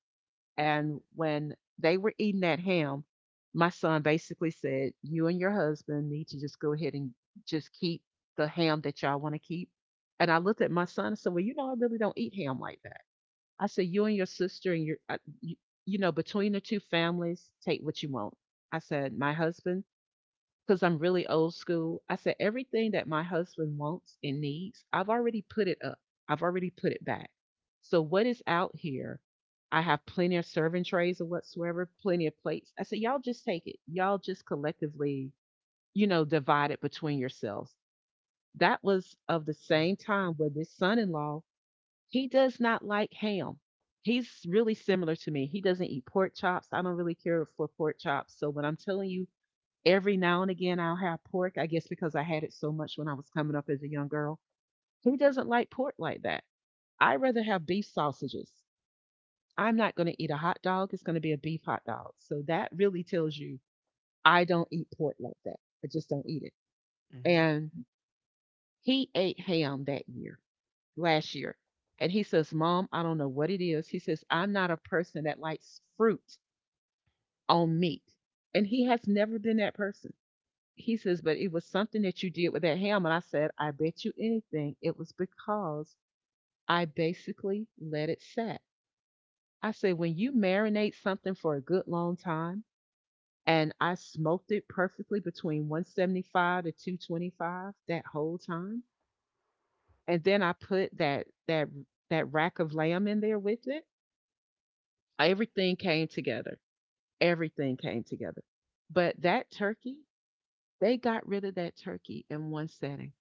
S1: And when they were eating that ham, my son basically said, "You and your husband need to just go ahead and just keep the ham that y'all want to keep." And I looked at my son and said, "Well, you know, I really don't eat ham like that." I said, "You and your sister and your, I- you, you know, between the two families, take what you want." I said, my husband, because I'm really old school. I said, everything that my husband wants and needs, I've already put it up, I've already put it back. So, what is out here? I have plenty of serving trays or whatsoever, plenty of plates. I said, y'all just take it. Y'all just collectively, you know, divide it between yourselves. That was of the same time where this son in law. He does not like ham. He's really similar to me. He doesn't eat pork chops. I don't really care for pork chops. So when I'm telling you, every now and again, I'll have pork, I guess because I had it so much when I was coming up as a young girl. Who doesn't like pork like that? I'd rather have beef sausages. I'm not going to eat a hot dog. It's going to be a beef hot dog. So that really tells you I don't eat pork like that. I just don't eat it.
S2: Hmm.
S1: And he ate ham that year, last year. And he says, "Mom, I don't know what it is." He says, "I'm not a person that likes fruit on meat." And he has never been that person. He says, but it was something that you did with that ham. And I said, I bet you anything it was because I basically let it set. I said, when you marinate something for a good long time, and I smoked it perfectly between one seventy-five to two twenty-five that whole time. And then I put that that that rack of lamb in there with it. Everything came together. Everything came together. But that turkey, they got rid of that turkey in one setting.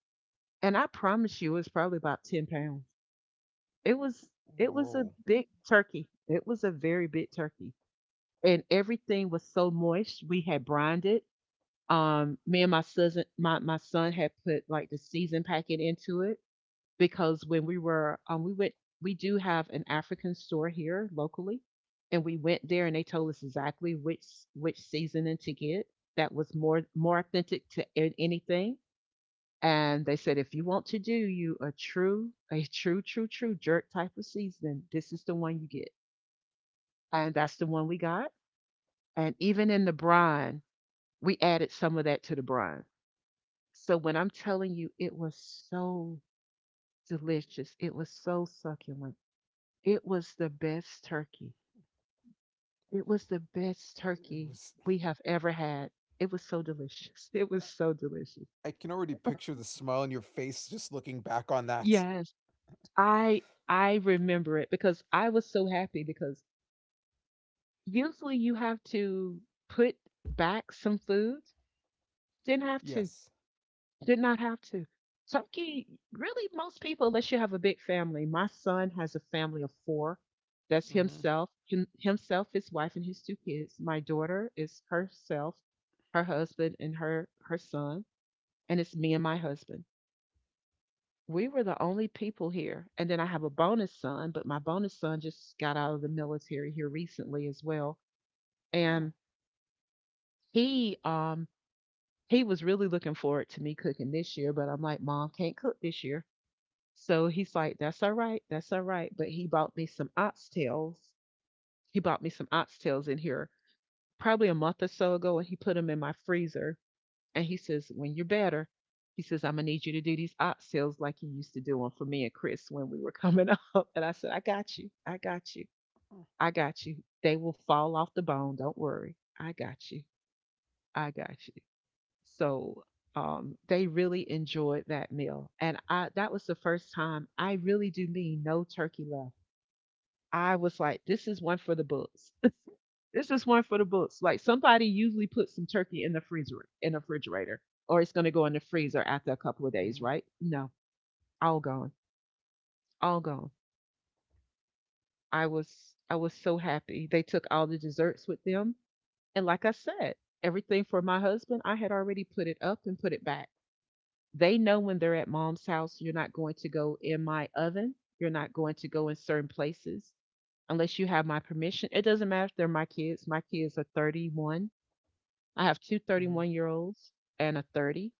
S1: And I promise you, it's probably about ten pounds. It was, it was a
S2: Whoa.
S1: big turkey. It was a very big turkey. And everything was so moist. We had brined it. Um, me and my cousin, my, my son had put like the season packet into it because when we were, um, we went, we do have an African store here locally. And we went there and they told us exactly which, which seasoning to get that was more, more authentic to a- anything. And they said, if you want to do you a true, a true, true, true jerk type of seasoning, this is the one you get. And that's the one we got. And even in the brine, we added some of that to the brine. So when I'm telling you, it was so delicious. It was so succulent. It was the best turkey. It was the best
S2: It
S1: turkey
S2: was
S1: we have ever had. It was so delicious. It was so delicious.
S2: I can already picture the smile on your face just looking back on that.
S1: Yes. I I remember it because I was so happy because usually you have to put back some foods. Didn't have to.
S2: Yes.
S1: Did not have to. Turkey, really, most people, unless you have a big family. My son has a family of four. That's
S2: Mm-hmm.
S1: himself, him, himself, his wife, and his two kids. My daughter is herself, her husband, and her her son, and it's me and my husband. We were the only people here. And then I have a bonus son, but my bonus son just got out of the military here recently as well. And
S2: Oh.
S1: he um he was really looking forward to me cooking this year, but I'm like, Mom can't cook this year. So he's like, that's all right, that's all right. But he bought me some oxtails. He bought me some oxtails in here probably a month or so ago, and he put them in my freezer. And he says, when you're better, he says, I'm gonna need you to do these oxtails like you used to do them for me and Chris when we were coming up. And I said, I got you, I got you, I got you. They will fall off the bone, don't worry. I got you, I got you. So um, they really enjoyed that meal. And I, that was the first time I really do mean no turkey left. I was like, this is one for the books. This is one for the books. Like somebody usually puts some turkey in the freezer, in the refrigerator, or it's going to go in the freezer after a couple of days,
S2: Mm-hmm.
S1: right? No, all gone, all gone. I was, I was so happy. They took all the desserts with them, and like I said, everything for my husband, I had already put it up and put it back. They know when they're at mom's house, you're not going to go in my oven. You're not going to go in certain places unless you have my permission. It doesn't matter if they're my kids. My kids are thirty-one. I have two thirty-one year olds and a thirty.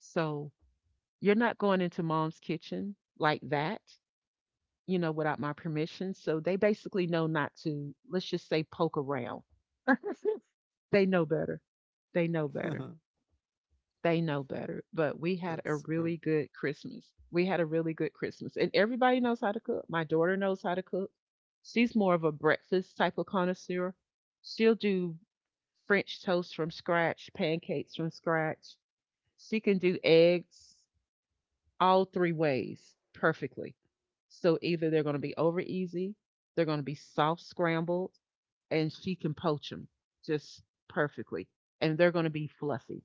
S1: So you're not going into mom's kitchen like that, you know, without my permission. So they basically know not to, let's just say, poke around. They know better. They know better.
S2: Mm-hmm.
S1: They know better, but we had a
S2: That's
S1: really
S2: good.
S1: good Christmas. We had a really good Christmas, and everybody knows how to cook. My daughter knows how to cook. She's more of a breakfast type of connoisseur. She'll do French toast from scratch, pancakes from scratch. She can do eggs all three ways perfectly. So either they're going to be over easy, they're going to be soft scrambled, and she can poach them just perfectly. And they're going to be fluffy.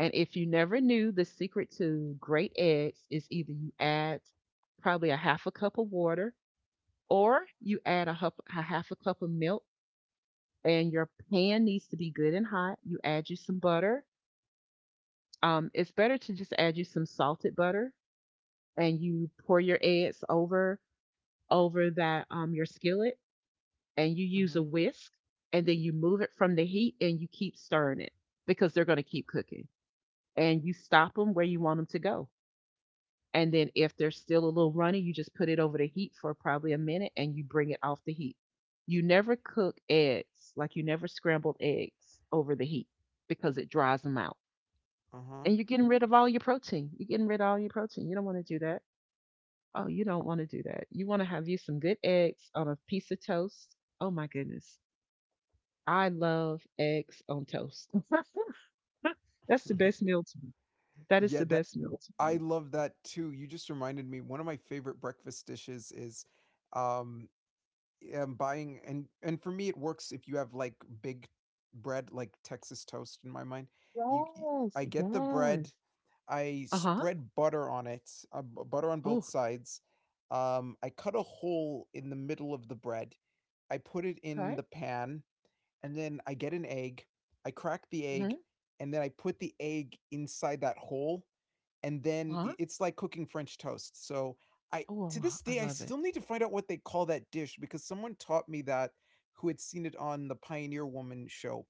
S1: And if you never knew, the secret to great eggs is either you add probably a half a cup of water or you add a, hup, a half a cup of milk, and your pan needs to be good and hot. You add you some butter. Um, it's better to just add you some salted butter and you pour your eggs over over that um, your skillet, and you use a
S2: Mm-hmm.
S1: whisk, and then you move it from the heat and you keep stirring it because they're going to keep cooking, and you stop them where you want them to go. And then if there's still a little runny, you just put it over the heat for probably a minute and you bring it off the heat. You never cook eggs, like you never scrambled eggs over the heat because it dries them out. And you're getting rid of all your protein. You're getting rid of all your protein. You don't want to do that. Oh, you don't want to do that. You want to have you some good eggs on a piece of toast. Oh my goodness. I love eggs on toast. That's the
S2: Uh-huh.
S1: best meal to me. That is
S2: Yeah,
S1: the
S2: that
S1: best meal to
S2: I
S1: me.
S2: love that too. You just reminded me one of my favorite breakfast dishes is um um, buying and and for me it works if you have like big bread like Texas toast in my mind. You y- I
S1: Yes,
S2: get the bread,
S1: yes.
S2: I
S1: Uh-huh.
S2: spread butter on it, uh, b- butter on both
S1: Oh,
S2: sides. Um, I cut a hole in the middle of the bread. I put it
S1: okay.
S2: in the pan and then I get an egg, I crack the
S1: Mm-hmm.
S2: egg, and then I put the egg inside that hole, and then
S1: Uh-huh.
S2: it's like cooking French toast. So I
S1: Oh,
S2: to
S1: uh,
S2: this
S1: I
S2: day I
S1: love it.
S2: still need to find out what they call that dish because someone taught me that who had seen it on the Pioneer Woman show.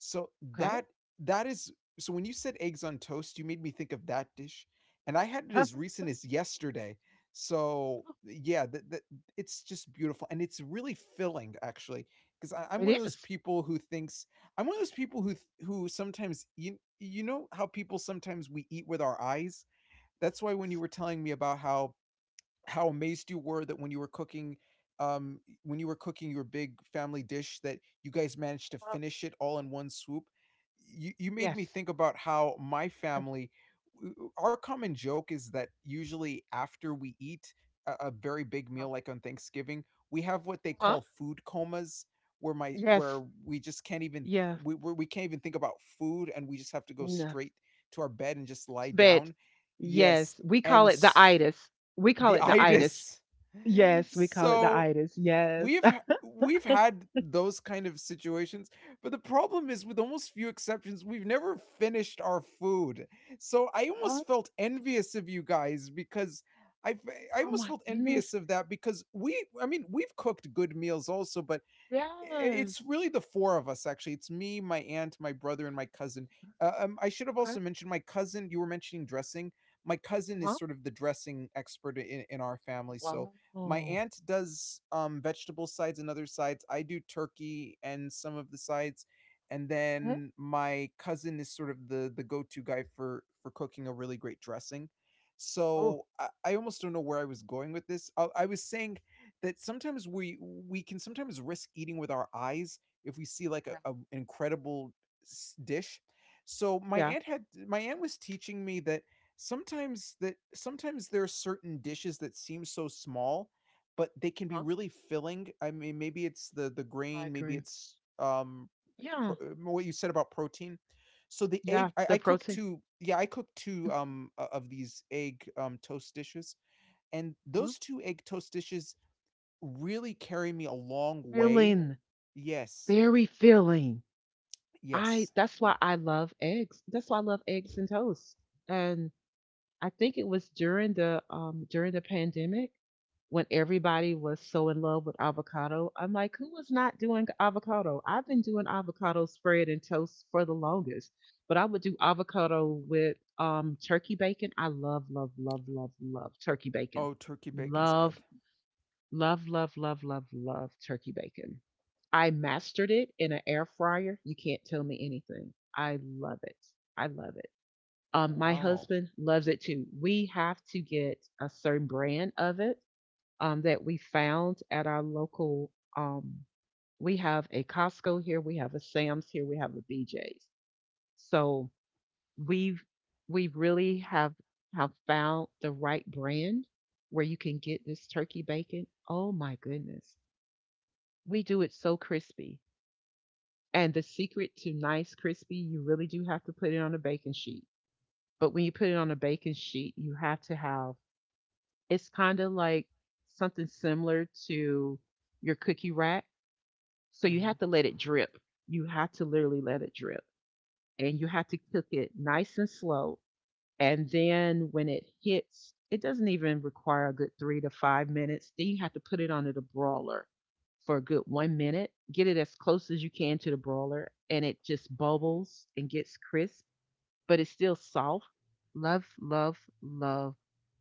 S2: So
S1: Okay.
S2: that that is so when you said eggs on toast, you made me think of that dish, and I had it as
S1: Uh-huh.
S2: recent as yesterday. So yeah, that it's just beautiful and it's really filling actually because I'm one of those
S1: Is.
S2: people who thinks I'm one of those people who who sometimes you you know how people sometimes we eat with our eyes. That's why when you were telling me about how how amazed you were that when you were cooking um when you were cooking your big family dish that you guys managed to
S1: Uh,
S2: finish it all in one swoop you you made me
S1: yes.
S2: think about how my family w- w- our common joke is that usually after we eat a, a very big meal
S1: Uh-huh.
S2: like on Thanksgiving we have what they
S1: Uh-huh.
S2: call food comas where my
S1: Yes.
S2: where we just can't even
S1: Yeah.
S2: we we we can't even think about food and we just have to go
S1: No.
S2: straight to our bed and just lie
S1: But
S2: down. Yes.
S1: yes, we
S2: And
S1: call it the
S2: s-
S1: itis. We call
S2: the
S1: it the itis.
S2: itis.
S1: Yes, we call it the
S2: So
S1: itis. Yes.
S2: we've we've had those kind of situations, but the problem is with almost few exceptions, we've never finished our food. So I
S1: What?
S2: almost felt envious of you guys because I I
S1: Oh
S2: almost
S1: my
S2: felt envious
S1: goodness.
S2: of that because we, I mean, we've cooked good meals also, but it's
S1: Yes.
S2: really the four of us, actually. It's me, my aunt, my brother, and my cousin. Uh, um, I should have
S1: Okay.
S2: also mentioned my cousin. You were mentioning dressing. My cousin is
S1: Uh-huh.
S2: sort of the dressing expert in, in our family. So
S1: Wow.
S2: my
S1: Oh.
S2: aunt does um, vegetable sides and other sides. I do turkey and some of the sides, and
S1: Mhm.
S2: then my cousin is sort of the the go to guy for for cooking a really great dressing.
S1: Oh.
S2: So I, I almost don't know where I was going with this. I, I was saying that sometimes we we can sometimes risk eating with our eyes if we see like a,
S1: Yeah.
S2: a an incredible s- dish. So my
S1: Yeah.
S2: aunt had my aunt was teaching me that sometimes that sometimes there are certain dishes that seem so small, but they can be
S1: Uh-huh.
S2: really filling. I mean, maybe it's the the
S1: I
S2: grain, maybe
S1: agree.
S2: it's um
S1: Yeah.
S2: pro, uh, what you said about protein. So the
S1: Yeah.
S2: egg, I,
S1: The
S2: I cook
S1: protein.
S2: two. Yeah, I cook two um o- of these egg um toast dishes, and
S1: Uh-huh.
S2: those two egg toast dishes really carry me a long way.
S1: Filling.
S2: Yes.
S1: Very filling. I
S2: Yes.
S1: That's why I love eggs. That's why I love eggs and toast. And I think it was during the um during the pandemic when everybody was so in love with avocado. I'm like, who was not doing avocado? I've been doing avocado spread and toast for the longest. But I would do avocado with um turkey bacon. I love, love, love, love, love turkey bacon.
S2: Oh, turkey bacon's
S1: Love.
S2: good.
S1: Love, love, love, love, love turkey bacon. I mastered it in an air fryer. You can't tell me anything. I love it. I love it. Um, my
S2: Wow.
S1: husband loves it too. We have to get a certain brand of it um, that we found at our local. Um, we have a Costco here, we have a Sam's here, we have a B J's. So we've we really have have found the right brand where you can get this turkey bacon. Oh my goodness, we do it so crispy. And the secret to nice crispy, you really do have to put it on a baking sheet. But when you put it on a baking sheet, you have to have, it's kind of like something similar to your cookie rack. So you
S2: Mhm.
S1: have to let it drip. You have to literally let it drip. And you have to cook it nice and slow. And then when it hits, it doesn't even require a good three to five minutes. Then you have to put it onto the brawler for a good one minute, get it as close as you can to the brawler, and it just bubbles and gets crisp, but it's still soft. Love, love, love,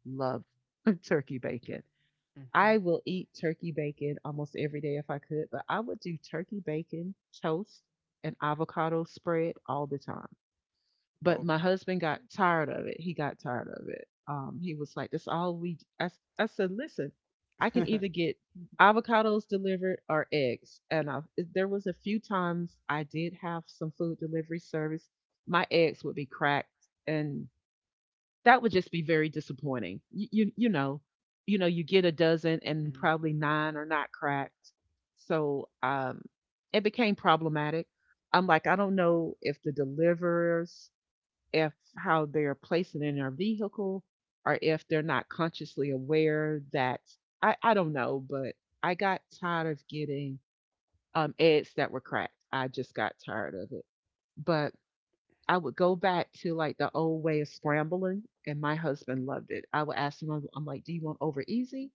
S1: love turkey bacon.
S2: Mhm.
S1: I will eat turkey bacon almost every day if I could, but I would do turkey bacon, toast, and avocado spread all the time, but
S2: Oh.
S1: my husband got tired of it. He got tired of it. Um, he was like, "That's all we." I I said, "Listen, I can either get avocados delivered or eggs." And I, there was a few times I did have some food delivery service. My eggs would be cracked, and that would just be very disappointing. You, you, you know, you know, you get a dozen,
S2: Mhm.
S1: and
S2: Mhm.
S1: probably nine are not cracked. So, um, it became problematic. I'm like, I don't know if the deliverers, if how they're placing in their vehicle or if they're not consciously aware that I, I don't know, but I got tired of getting um eggs that were cracked. I just got tired of it. But I would go back to like the old way of scrambling, and my husband loved it. I would ask him, I'm I'm like, do you want over easy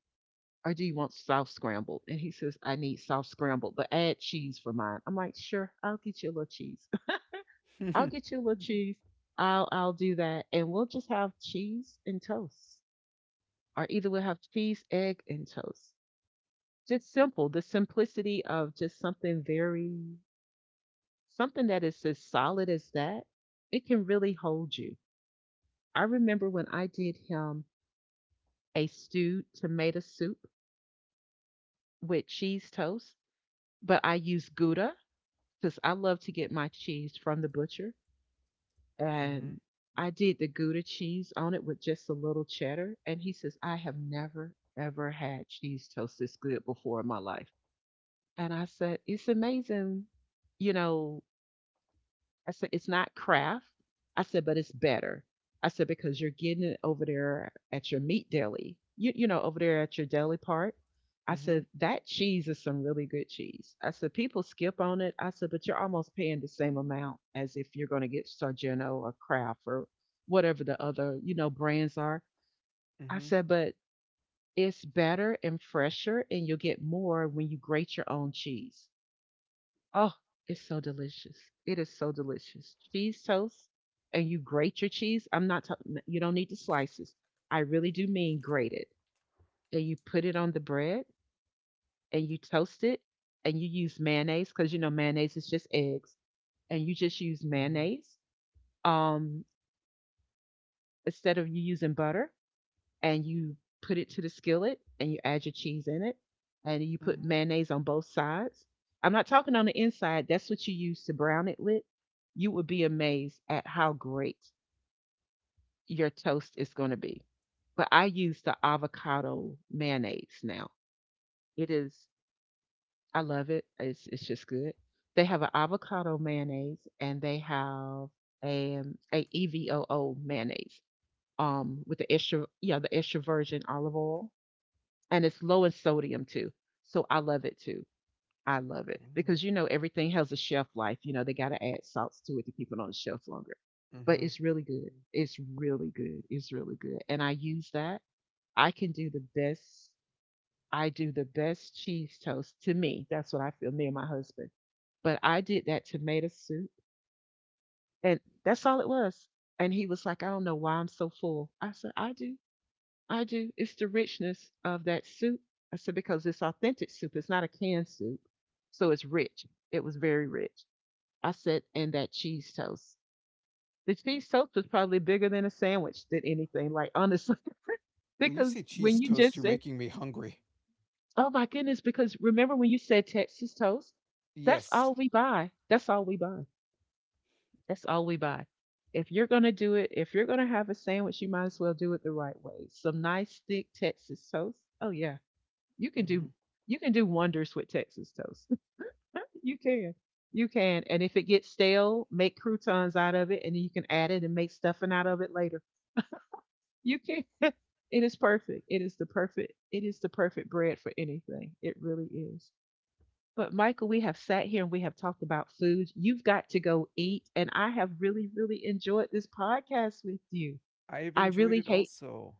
S1: or do you want soft scrambled? And he says, I need soft scrambled, but add cheese for mine. I'm like, sure, I'll get you a little cheese. I'll
S2: Mhm.
S1: get you a little cheese. I'll I'll do that, and we'll just have cheese and toast, or either we'll have cheese, egg, and toast. Just simple. The simplicity of just something very, something that is as solid as that. It can really hold you. I remember when I did him a stewed tomato soup with cheese toast, but I used Gouda because I love to get my cheese from the butcher.
S2: Mhm.
S1: And I did the Gouda cheese on it with just a little cheddar. And he says, I have never, ever had cheese toast this good before in my life. And I said, "It's amazing, you know, I said, it's not Craft." I said, "But it's better." I said, "Because you're getting it over there at your meat deli, you, you know, over there at your deli part." I
S2: Mhm.
S1: said, "That cheese is some really good cheese." I said, "People skip on it." I said, "But you're almost paying the same amount as if you're going to get Sargento or Kraft or whatever the other, you know, brands are." I said, "But it's better and fresher and you'll get more when you grate your own cheese." Oh, it's so delicious. It is so delicious. Cheese toast, and you grate your cheese. I'm not talking, you don't need the slices. I really do mean grate it. And you put it on the bread and you toast it and you use mayonnaise because you know mayonnaise is just eggs and you just use
S2: Mhm.
S1: mayonnaise um, instead of you using butter. And you put it to the skillet and you add your cheese in it and you put mayonnaise on both sides. I'm not talking on the inside, that's what you use to brown it with. You would be amazed at how great your toast is going to be. But I use the avocado mayonnaise now. It is, I love it. It's it's just good. They have an avocado mayonnaise and they have a um, a E V O O mayonnaise um with the extra, yeah, the extra virgin olive oil, and it's low in sodium too. So I love it too. I love it
S2: Mhm.
S1: because you know everything has a shelf life. You know they got to add salts to it to keep it on the shelf longer. But
S2: Mhm.
S1: it's really good. It's really good. It's really good. And I use that. I can do the best. I do the best cheese toast, to me. That's what I feel. Me and my husband. But I did that tomato soup, and that's all it was. And he was like, "I don't know why I'm so full." I said, "I do. I do. It's the richness of that soup." I said, "Because it's authentic soup. It's not a canned soup. So it's rich." It was very rich. I said, "And that cheese toast." The cheese toast was probably bigger than a sandwich than anything, like honestly.
S2: When you
S1: Because
S2: say cheese
S1: when you
S2: toast,
S1: just
S2: you're
S1: said,
S2: making me hungry.
S1: oh my goodness, because remember when you said Texas toast? That's
S2: Yes.
S1: all we buy. That's all we buy. That's all we buy. If you're going to do it, if you're going to have a sandwich, you might as well do it the right way. Some nice, thick Texas toast. Oh, yeah. You can do
S2: Mhm.
S1: you can do wonders with Texas toast. You can. You can. And if it gets stale, make croutons out of it and you can add it and make stuffing out of it later. You can It is perfect. It is the perfect it is the perfect bread for anything. It really is. But Michael, we have sat here and we have talked about food. You've got to go eat, and I have really really enjoyed this podcast with you.
S2: I have
S1: I
S2: enjoyed
S1: really
S2: it
S1: hate
S2: also.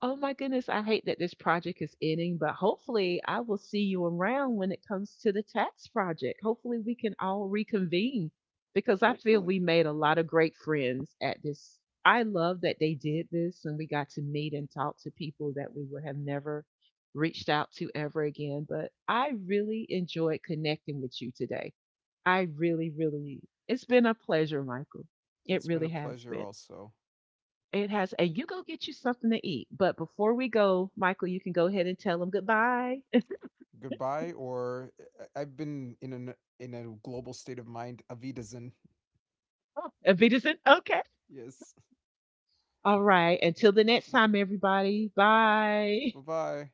S1: Oh my goodness, I hate that this project is ending, but hopefully I will see you around when it comes to the tax project. Hopefully we can all reconvene because I feel
S2: Hopefully.
S1: we made a lot of great friends at this. I love that they did this and we got to meet and talk to people that we would have never reached out to ever again, but I really enjoyed connecting with you today. I really, really, it's been a pleasure, Michael. It
S2: It's been
S1: really
S2: a
S1: has
S2: pleasure
S1: been.
S2: also.
S1: It has a, you go get you something to eat. But before we go, Michael, you can go ahead and tell them goodbye.
S2: Goodbye or I- I've been in an in a global state of mind. Avidazen.
S1: And Vita said, okay.
S2: Yes.
S1: All right. Until the next time, everybody. Bye.
S2: Bye bye.